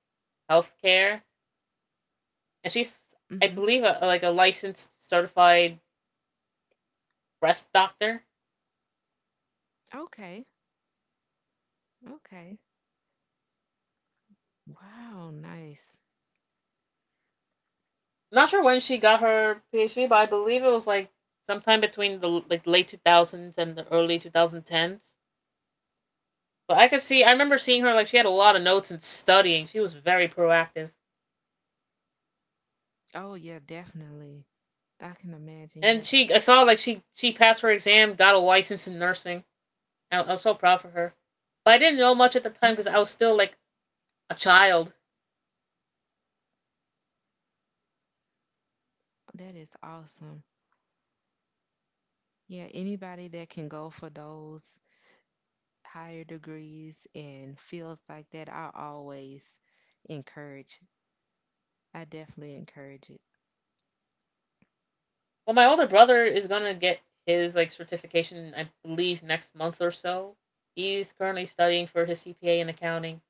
healthcare. And she's, I
hmm,
believe, a, like a licensed, certified breast doctor.
okay, okay. Wow, nice.
Not sure when she got her PhD, but I believe it was like sometime between the like late 2000s and the early 2010s. But I could see I remember seeing her like she had a lot of notes and studying. She was very proactive.
Oh, yeah, definitely. I can imagine. Yeah.
And she I saw like she passed her exam, got a license in nursing. I was so proud for her. But I didn't know much at the time
Yeah,
because I was still like a child.
that is awesome. Yeah, anybody that can go for those higher degrees and fields like that, I always encourage. I definitely encourage it.
Well, my older brother is going to get his like certification I believe next month or so. He's currently studying for his CPA in accounting.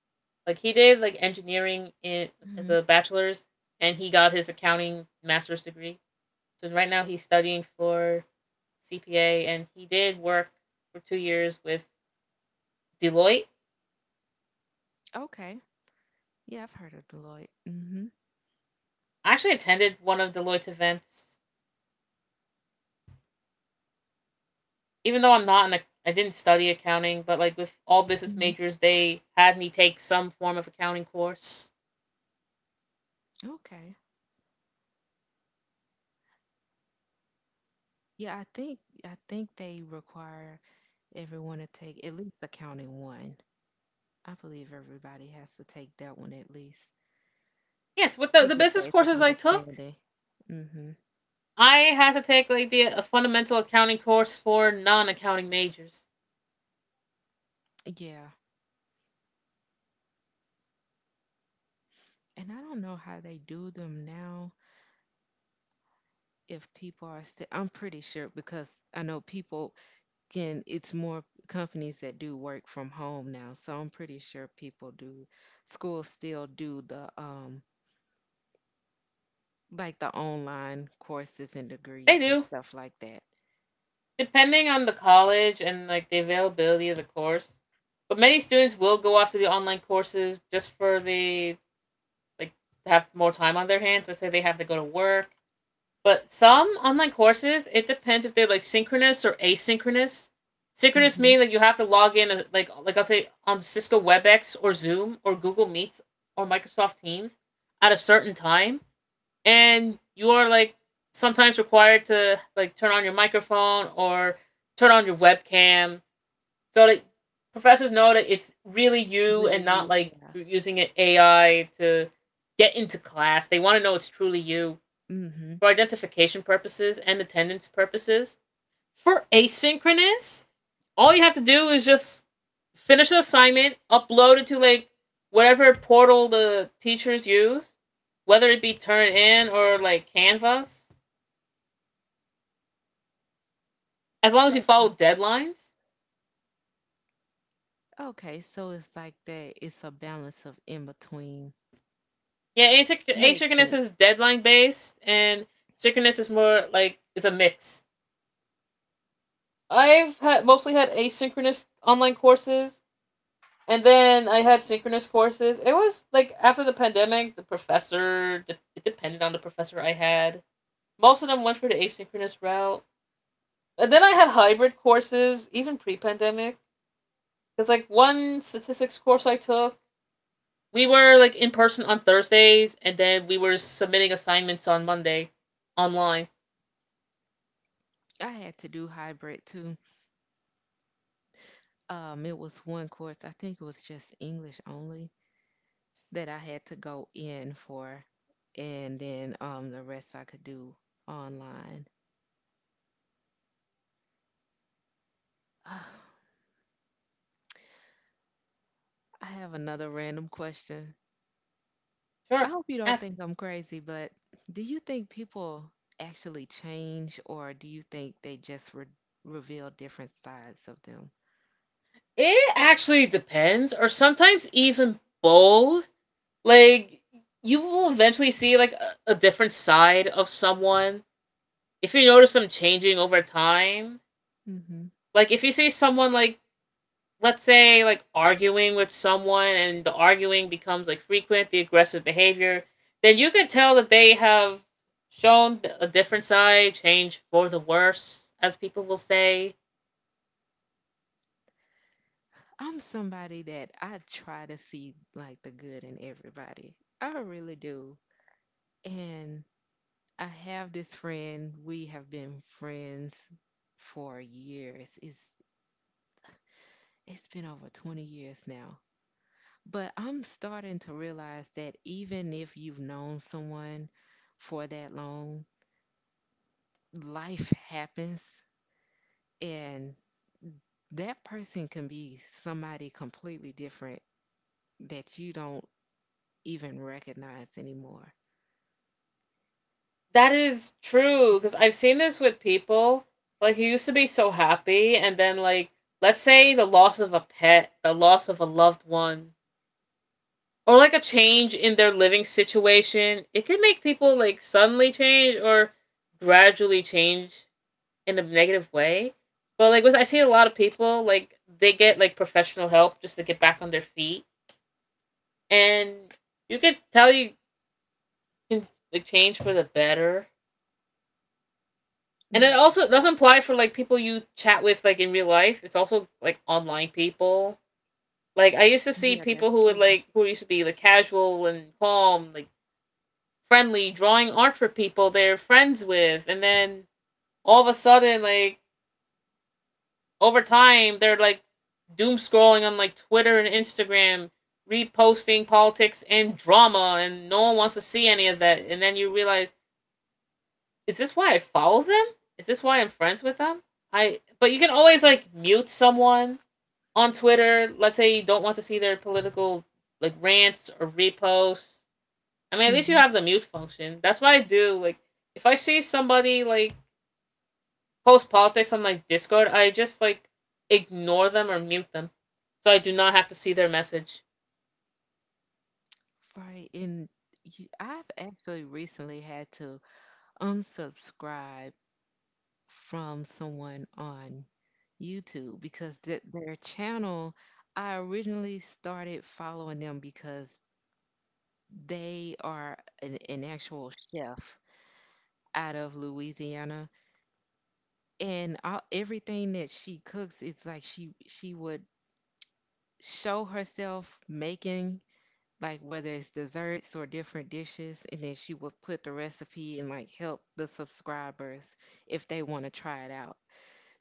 Like he did like engineering in as
Hmm.
a bachelor's, and he got his accounting master's degree. So right now he's studying for CPA, and he did work for 2 years with Deloitte.
Okay. Yeah, I've heard of Deloitte. Hmm.
I actually attended one of Deloitte's events, even though I'm not I didn't study accounting, but like with all business
Hmm.
majors, they had me take some form of accounting course.
Okay. Yeah, I think they require everyone to take at least accounting one. I believe everybody has to take that one at least.
Yes, with the,
To
the
get
business
basic
courses I took,
understanding. Hmm.
I had to take like the a fundamental accounting course for non accounting majors.
Yeah. And I don't know how they do them now, if people are still, I'm pretty sure because I know people can, it's more companies that do work from home now. So I'm pretty sure people do, schools still do the, like, the online courses and
They
degrees and
do
stuff like that.
depending on the college and like the availability of the course. But many students will go after the online courses just for the like to have more time on their hands. I say they have to go to work. But some online courses, it depends if they're like synchronous or asynchronous. Synchronous
Hmm.
meaning like you have to log in like I'll say on Cisco WebEx or Zoom or Google Meets or Microsoft Teams at a certain time and you are like sometimes required to like turn on your microphone or turn on your webcam so that professors know that it's really you
Really,
and not
you,
like
yeah.
you're using an AI to get into class. They want to know it's truly you
Hmm.
for identification purposes and attendance purposes. For asynchronous, all you have to do is just finish the assignment, upload it to like whatever portal the teachers use, whether it be Turnitin or like Canvas. As long as you follow deadlines.
Okay, so it's like that, it's a balance of in between.
Yeah,
Makes
asynchronous is
sense.
deadline based, and synchronous is more like it's a mix. I've had mostly had asynchronous online courses, and then I had synchronous courses. It was like after the pandemic, the professor it depended on the professor I had. Most of them went for the asynchronous route. And then I had hybrid courses, even pre pandemic. Because, like, one statistics course I took, we were, like, in person on Thursdays, and then we were submitting assignments on Monday online.
I had to do hybrid too. It was one course, I think it was just English only, that I had to go in for, and then the rest I could do online. I have another random question. I
Sure,
hope you don't
ask.
think I'm crazy, but do you think people actually change, or do you think they just reveal different sides of them?
It actually depends, or sometimes even both. Like, you will eventually see, like, a different side of someone if you notice them changing over time.
Mm-hmm.
Like, if you see someone, like, let's say like arguing with someone and the arguing becomes like frequent, the aggressive behavior, then you could tell that they have shown a different side, change for the worse, as people will say.
I'm somebody that I try to see, like, the good in everybody. I really do. And I have this friend. We have been friends for years. It's been over 20 years now. But I'm starting to realize that even if you've known someone for that long, life happens, and that person can be somebody completely different that you don't even recognize anymore.
That is true because I've seen this with people. Like, he used to be so happy, and then, like, let's say the loss of a pet, the loss of a loved one, or like a change in their living situation, it can make people like suddenly change or gradually change in a negative way. But like with I see a lot of people like they get like professional help just to get back on their feet, and you could tell you can like change for the better. And it also doesn't apply for like people you chat with like in real life. It's also like online people. Like I used to see
Yeah,
people
that's true.
who used to be like casual and calm, like friendly, drawing art for people they're friends with, and then all of a sudden like over time they're like doom scrolling on like Twitter and Instagram, reposting politics and drama, and no one wants to see any of that. And then you realize, is this why I follow them? Is this why I'm friends with them? I But you can always like mute someone on Twitter. Let's say you don't want to see their political like rants or reposts. I mean, at least you
Hmm.
have the mute function. That's what I do. Like if I see somebody like post politics on like Discord, I just like ignore them or mute them, so I do not have to see their message.
Right, and you, I've actually recently had to unsubscribe from someone on YouTube because th their channel, I originally started following them because they are an actual chef out of Louisiana, and all, everything that she cooks, it's like she would show herself making, like, whether it's desserts or different dishes, and then she would put the recipe and, like, help the subscribers if they want to try it out.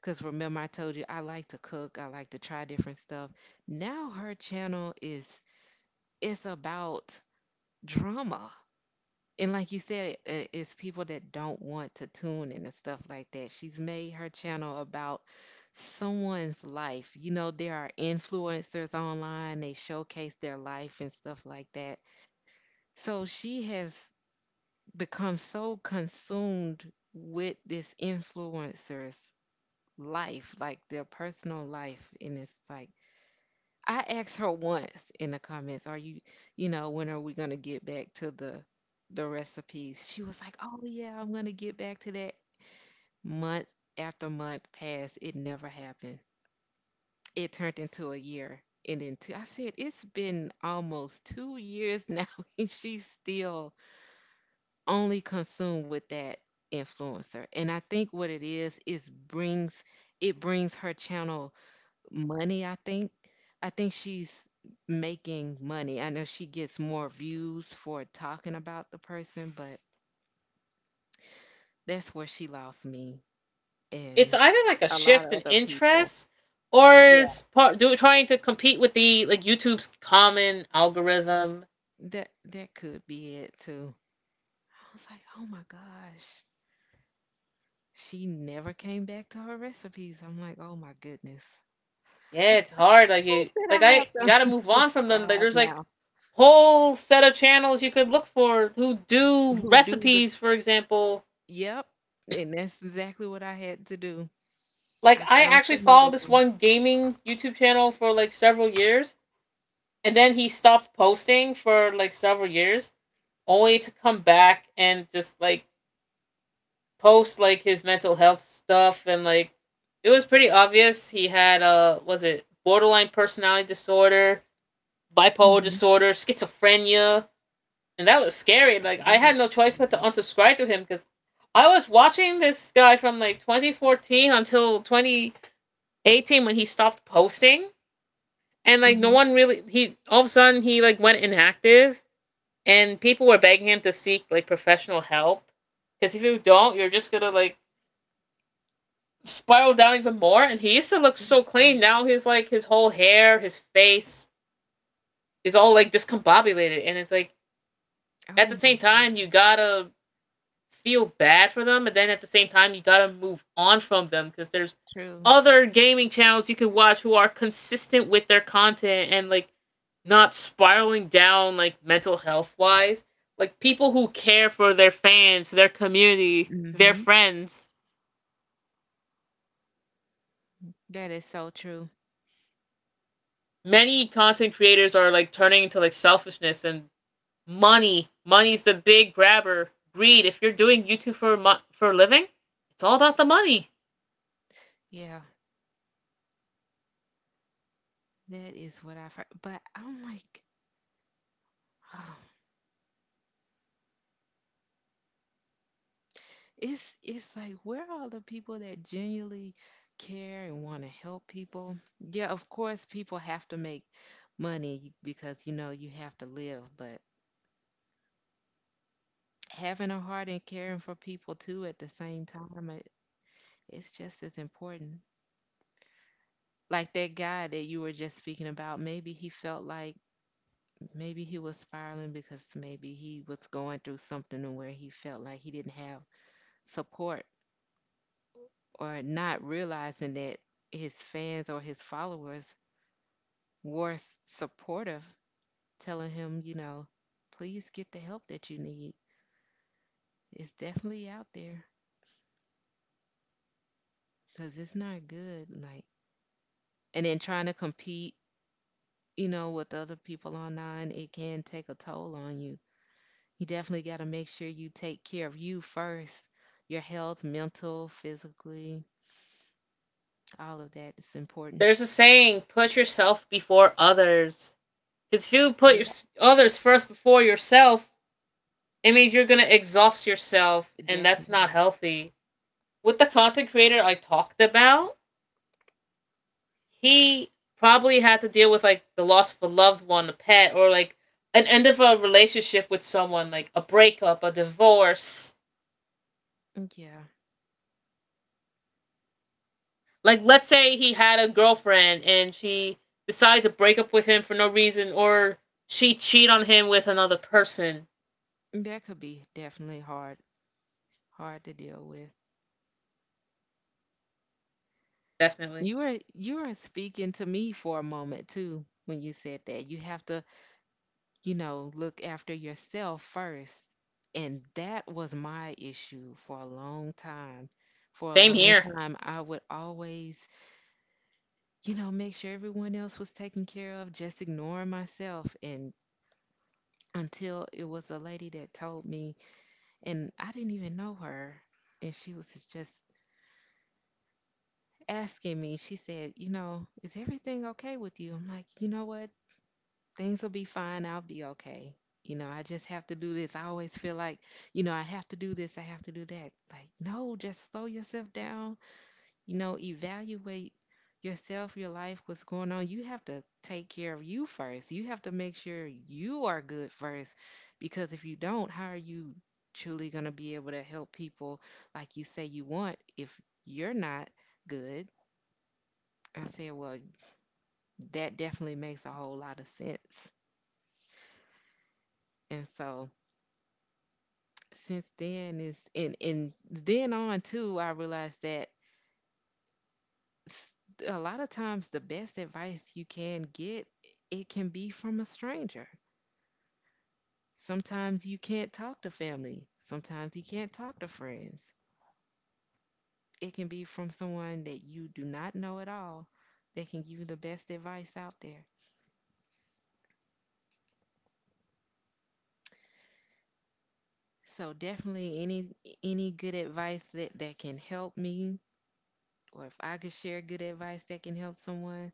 Because remember, I told you I like to cook, I like to try different stuff. Now her channel, is it's about drama. And, like you said, it's people that don't want to tune in and stuff like that. She's made her channel about someone's life. You know, there are influencers online, they showcase their life and stuff like that, so she has become so consumed with this influencer's life, like their personal life. And it's like, I asked her once in the comments, "Are you, when are we going to get back to the recipes?" She was like, "Oh, yeah, I'm going to get back to that." Month after month passed, it never happened. It turned into a year. And then two, I said, it's been almost 2 years now, and she's still only consume with that influencer. And I think what it is brings her channel money, I think. I think she's making money. I know she gets more views for talking about the person, but that's where she lost me
It's
and
either like a
a lot
shift
of
in
other people.
interest or
Yeah.
trying to compete with the like YouTube's common algorithm.
That could be it too. I was like, "Oh my gosh." She never came back to her recipes. I'm like, "Oh my goodness."
Yeah, it's hard.
I said I have
You gotta
to
move on from them. Like
subscribe
there's like
now.
whole set of channels you could look for who do
Who do the
recipes, for example.
yep? And that's exactly what I had to do.
Like
I
I
found
actually
some
followed
other
this
ones.
one gaming YouTube channel for like several years and then he stopped posting for like several years, only to come back and just like post like his mental health stuff, and like it was pretty obvious he had was it borderline personality disorder, bipolar
Hmm
disorder, schizophrenia, and that was scary. Like I
That
had no
is
choice but to
scary.
unsubscribe to him because I was watching this guy from like 2014 until 2018 when he stopped posting, and like no
Mm-hmm.
one really he all of a sudden he like went inactive, and people were begging him to seek like professional help because if you don't, you're just gonna like spiral down even more. And he used to look so
That's
clean.
true.
Now his whole hair, his face is all like discombobulated, and it's like at the
Oh
same
my gosh,
time you gotta feel bad for them, and then at the same time you gotta move on from them because there's
true.
other gaming channels you can watch who are consistent with their content and like not spiraling down like mental health wise. Like people who care for their fans, their community, their
Mm-hmm.
friends.
That is so true.
Many content creators are like turning into like selfishness and money. Money's the big grabber. Greed. If you're doing YouTube for for a living, it's all about the money.
Yeah, that is what I've heard. But I'm like, it's like where are the people that genuinely care and want to help people, yeah, of course people have to make money because, you know, you have to live, but having a heart and caring for people too at the same time, it's just as important. Like that guy that you were just speaking about, maybe he felt like maybe he was spiraling because maybe he was going through something to where he felt like he didn't have support or not realizing that his fans or his followers were supportive, telling him, you know, please get the help that you need. It's definitely out there because it's not good. Like, and then trying to compete, you know, with other people online, it can take a toll on you. You definitely got to make sure you take care of you first. Your health, mental, physically, all of that is important.
There's a saying: put yourself before others. Because if you put
Yeah,
your others first before yourself, it means you're gonna exhaust yourself, and that's not
definitely.
healthy. With the content creator I talked about, he probably had to deal with like the loss of a loved one, a pet, or like an end of a relationship with someone, like a breakup, a divorce.
Yeah,
Like, let's say he had a girlfriend and she decided to break up with him for no reason, or she cheated on him with another person.
that could be definitely hard, hard to deal with.
Definitely.
You were speaking to me for a moment too when you said that. You have to, you know, look after yourself first. And that was my issue for a long time. For a
Same
long
here.
time, I would always, you know, make sure everyone else was taken care of, just ignoring myself. And until it was a lady that told me, and I didn't even know her, and she was just asking me, she said, "You know, is everything okay with you?" I'm like, "You know what? Things will be fine. I'll be okay. You know, I just have to do this. I always feel like, you know, I have to do this. I have to do that." Like, no, just slow yourself down. You know, evaluate yourself, your life, what's going on. You have to take care of you first. You have to make sure you are good first. Because if you don't, how are you truly going to be able to help people like you say you want if you're not good? I said, well, that definitely makes a whole lot of sense. And so, since then is and then on too, I realized that s- a lot of times the best advice you can get, it can be from a stranger. Sometimes you can't talk to family, sometimes you can't talk to friends. It can be from someone that you do not know at all that can give you the best advice out there. So definitely any good advice that can help me, or if I could share good advice that can help someone,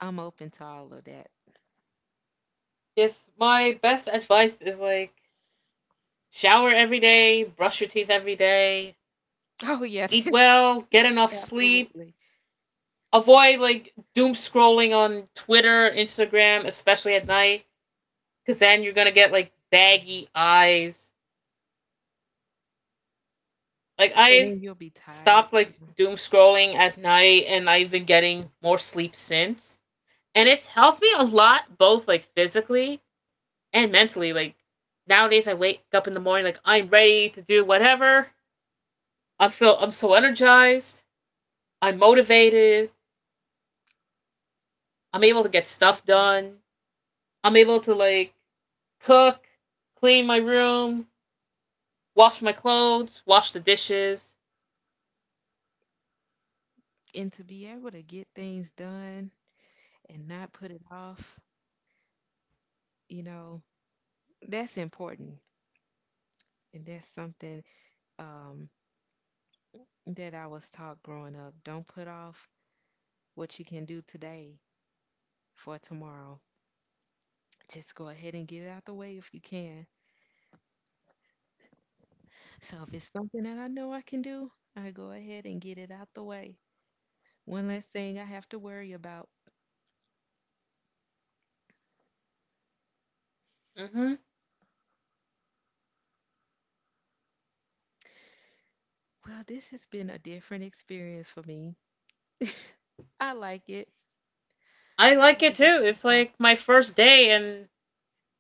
I'm open to all of that.
Yes, my best advice is like shower every day, brush your teeth every day,
Oh yeah,
eat well, get enough sleep,
absolutely.
avoid like doom scrolling on Twitter, Instagram, especially at night, because then you're gonna get like baggy eyes. Like
And
I've
then you'll be tired.
stopped like
Yeah,
doom scrolling at night, and I've been getting more sleep since, and it's helped me a lot, both like physically and mentally. Like nowadays, I wake up in the morning like I'm ready to do whatever. I feel I'm so energized. I'm motivated. I'm able to get stuff
absolutely.
done. I'm able to like cook, clean my room, wash my clothes, wash the dishes.
And to be able to get things done and not put it off, you know, that's important. And that's something um, that I was taught growing up. Don't put off what you can do today for tomorrow. Just go ahead and get it out the way if you can. So if it's something that I know I can do, I go ahead and get it out the way. One less thing I have to worry about.
Hmm.
Well, this has been a different experience for me. I like it.
I
I
like it
like it
too.
so
It's
far.
like my first day, and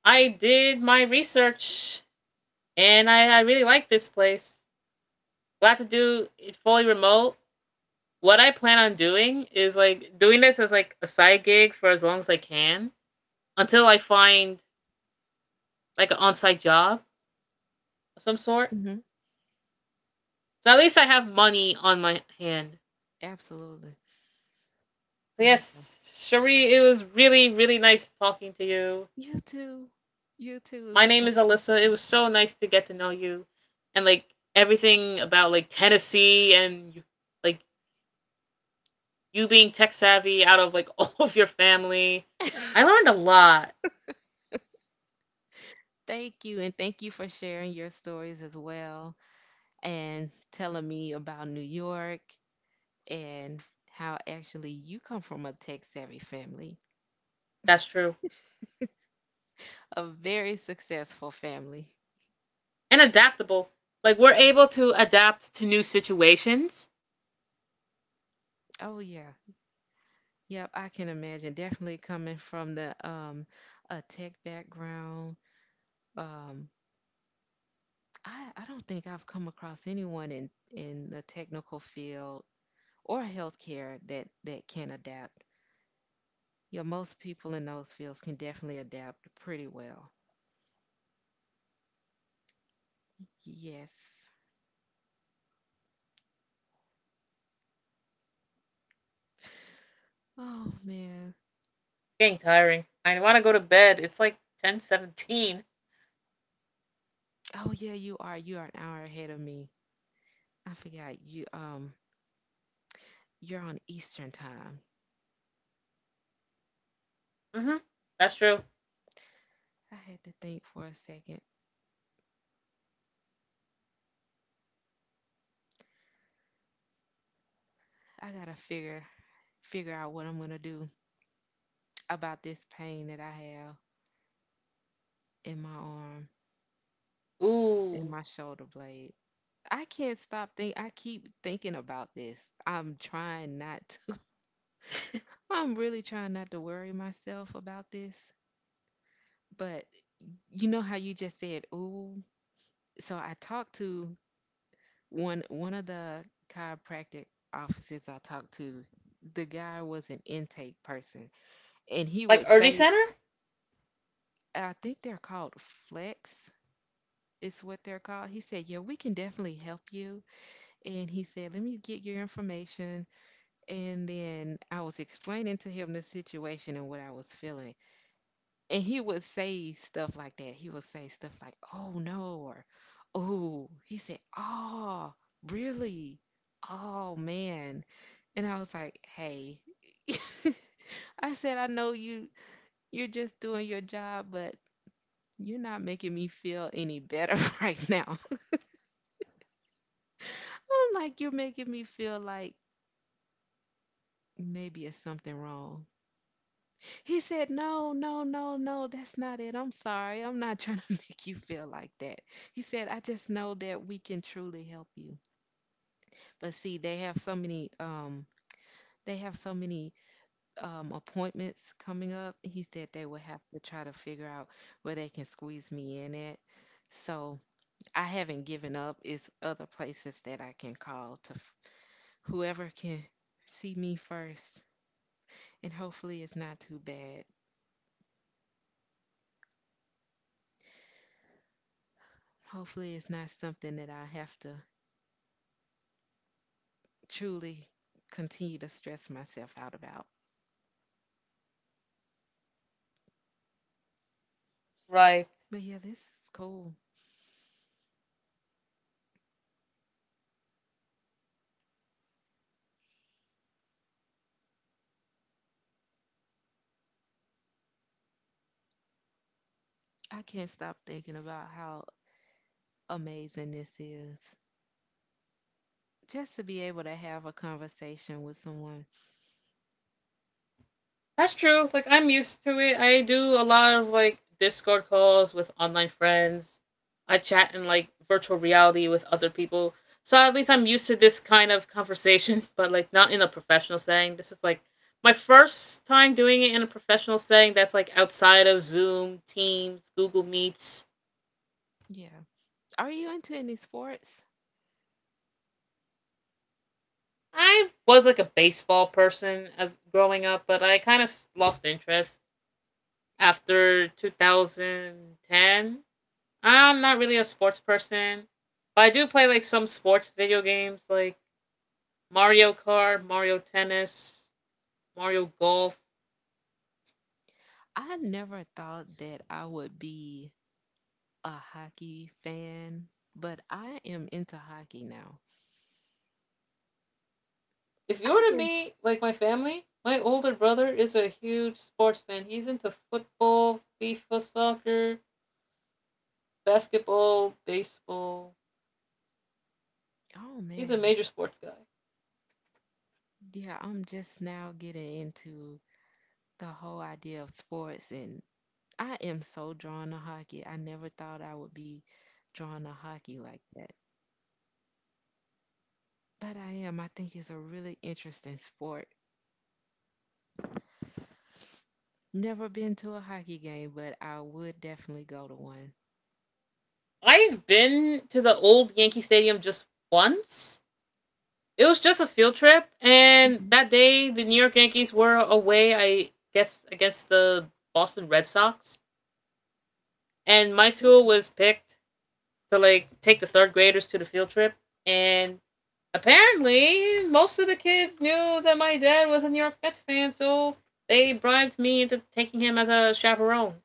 I did my research, and I really like this place. Glad to do it fully remote. What I plan on doing is like doing this as like a side gig for as long as I can until I find like an on-site job of some sort.
Hmm
So at least I have money on my hand.
Absolutely.
So
Yeah.
yes, Cherie, it was really really nice talking to you.
You too. You too. It
My
was
name is
nice talking
Alyssa. It was
to
so nice to get to know you, and like everything about like Tennessee and like you being tech savvy out of like all of your family.
you.
I learned a lot.
Thank you, and thank you for sharing your stories as well and telling me about New York, and how actually you come from a tech savvy family,
That's true.
a very successful family.
And adaptable. Like we're able to adapt to new situations.
Oh, yeah. Yep, I can imagine. Definitely coming from the a tech background, um, I don't think I've come across anyone in the technical field or healthcare that, that can adapt. Yeah, most people in those fields can definitely adapt pretty well. Yes. Oh man.
It's getting tiring. I want to go to bed. It's like 10:17.
Oh yeah, you are. You are an hour ahead of me. I forgot you you're on Eastern time.
Mhm. That's true.
I had to think for a second. I gotta figure out what I'm gonna do about this pain that I have in my arm, in
Ooh,
my shoulder blade. I can't stop think I keep thinking about this. I'm trying not to. I'm really trying not to worry myself about this, but you know how you just said, "Ooh." So I talked to one of the chiropractic offices I talked to. The guy was an intake person, and he
like
would say,
Urgy Center.
"I think they're called flex." Is what they're called. He said, "Yeah, we can definitely help you." And he said, "Let me get your information." And then I was explaining to him the situation and what I was feeling. And he would say stuff like that. He would say stuff like, "Oh no," or "Oh," he said, "Oh, really? Oh man." And I was like, hey, I said, "I know you're just doing your job, but you're not making me feel any better right now." I'm like, "You're making me feel like maybe it's something wrong." He said, "No, no, no, no, that's not it. I'm sorry. I'm not trying to make you feel like that." He said, "I just know that we can truly help you." But see, they have so many they have so many appointments coming up. He said they will have to try to figure out where they can squeeze me in at. So I haven't given up. It's other places that I can call to whoever can see me first. And hopefully it's not too bad. Hopefully it's not something that I have to truly continue to stress myself out about.
Right.
But yeah, this is cool. I can't stop thinking about how amazing this is. Just to be able to have a conversation with someone.
That's true. Like I'm used to it. I do a lot of like Discord calls with online friends. I chat in like virtual reality with other people. So at least I'm used to this kind of conversation, but like not in a professional setting. This is like my first time doing it in a professional setting that's like outside of Zoom, Teams, Google Meets.
Yeah. Are you into any sports?
I was like a baseball person as growing up, but I kind of lost interest after 2010. I'm not really a sports person, but I do play like some sports video games like Mario Kart, Mario Tennis, Mario Golf.
I never thought that I would be a hockey fan, but I am into hockey now.
If you
I
were to
can,
meet like my family, my older brother is a huge sports fan. He's into football, FIFA, soccer, basketball, baseball.
oh
He's a
man.
major sports guy.
Yeah, I'm just now getting into the whole idea of sports, and I am so drawn to hockey. I never thought I would be drawn to hockey like that. But I am. I think it's a really interesting sport. Never been to a hockey game, but I would definitely go to one.
I've been to the old Yankee Stadium just once. It was just a field trip, and
Mhm.
that day the New York Yankees were away. I guess against the Boston Red Sox, and my school
Okay.
was picked to like take the third graders to the field trip, and apparently most of the kids knew that my dad was a New York Mets fan, so they bribed me into taking him as a chaperone.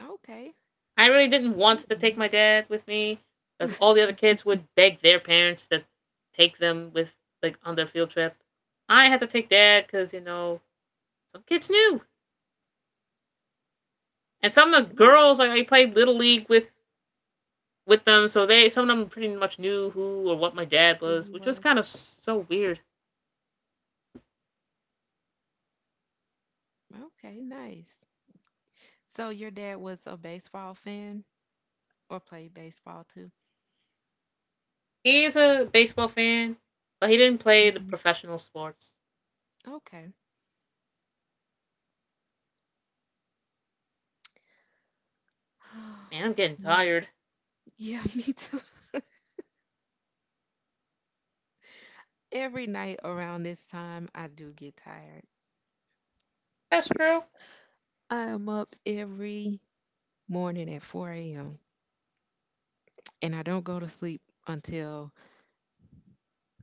Okay.
I really didn't want
Oh,
to take
yeah.
my dad with me because all the other kids would beg their parents to take them with like on their field trip. I had to take dad because you know some kids knew, and some of the
Oh,
girls like I played little league with them, so they some of them pretty much knew who or what my dad
who
was,
he
which was kind
was.
of so weird.
Okay, nice. So your dad was a baseball fan or played baseball too?
He is a baseball fan, but he didn't play the
Hmm
professional sports.
Okay.
Man, I'm getting
Yeah.
tired.
Yeah, me too. Every night around this time, I do get tired.
That's true.
I am up every morning at 4 a.m. and I don't go to sleep until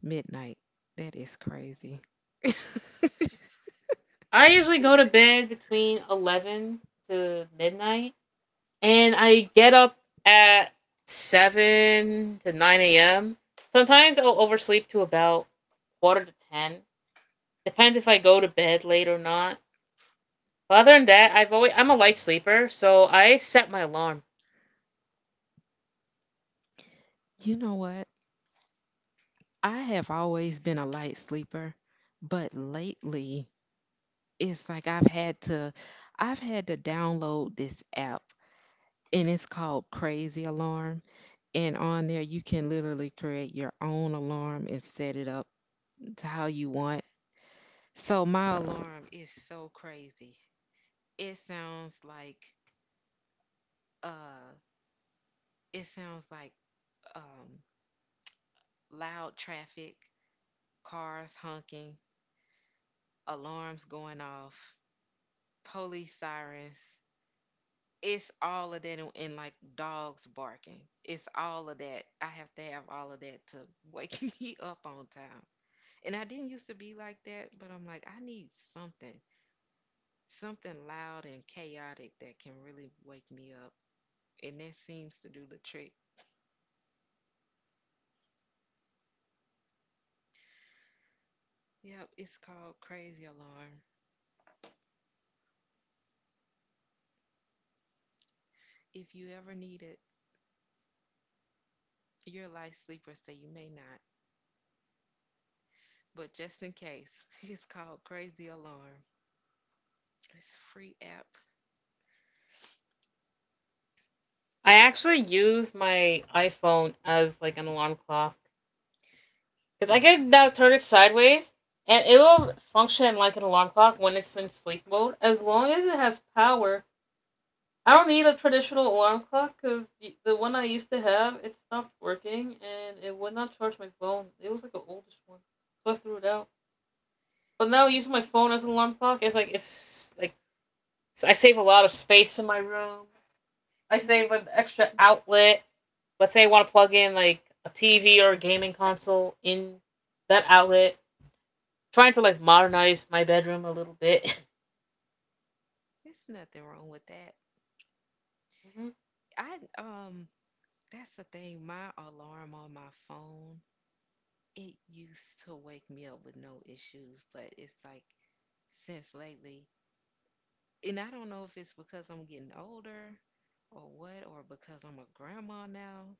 midnight. That is crazy.
I usually go to bed between 11 to midnight and I get up at 7 to 9 a.m. Sometimes I'll oversleep to about quarter to 10. Depends if I go to bed late or not. But other than that, I'm a light sleeper, so I set my alarm.
You know what? I have always been a light sleeper, but lately it's like I've had to download this app, and it's called Crazy Alarm. And on there, you can literally create your own alarm and set it up to how you want. So my alarm is so crazy. It sounds like uh it sounds like um loud traffic, cars honking, alarms going off, police sirens. It's all of that and like dogs barking. It's all of that. I have to have all of that to wake me up on time. And I didn't used to be like that, but I'm like, I need something. Something loud and chaotic that can really wake me up, and that seems to do the trick. Yep, it's called Crazy Alarm. If you ever need it, you're a light sleeper, so you may not. But just in case, it's called Crazy Alarm. It's a free app.
I actually use my iPhone as like an alarm clock because I can now turn it sideways and it will function like an alarm clock when it's in sleep mode as long as it has power. I don't need a traditional alarm clock because the one I used to have it stopped working and it would not charge my phone. It was like an oldest one, so I threw it out. But now using my phone as an alarm clock, it's like I save a lot of space in my room. I
And that's
save
the
an extra
thing.
outlet. Let's say I want to plug in like a TV or a gaming console in that outlet. Trying to like modernize my bedroom a little bit.
There's nothing wrong with that.
Hmm.
I um that's the thing. My alarm on my phone, it used to wake me up with no issues, but it's like since lately, and I don't know if it's because I'm getting older or what, or because I'm a grandma now.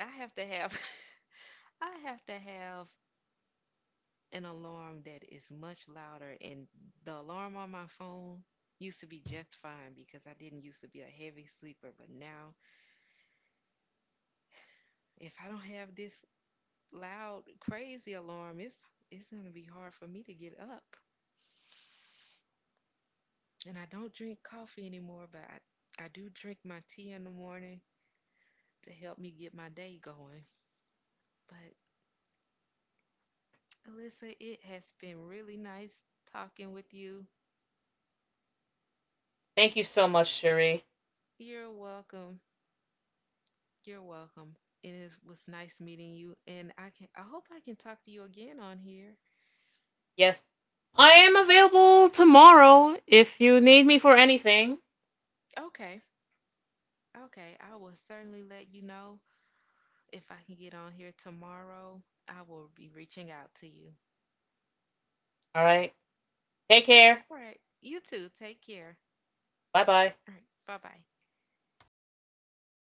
I have to have I have to have an alarm that is much louder. And the alarm on my phone used to be just fine because I didn't used to be a heavy sleeper. But now, if I don't have this loud, crazy alarm, it's gonna be hard for me to get up. And I don't drink coffee anymore, but I do drink my tea in the morning to help me get my day going. But Alyssa, it has been really nice talking with you.
Thank you so much, Cherie.
You're welcome. You're welcome. It was nice meeting you, and I can. I hope I can talk to you again on here.
Yes. I am available tomorrow if you need me for anything.
Okay, okay. I will certainly let you know if I can get on here tomorrow. I will be reaching out to you.
All right. Take care.
All right. You too. Take care.
Bye bye.
All right. Bye bye.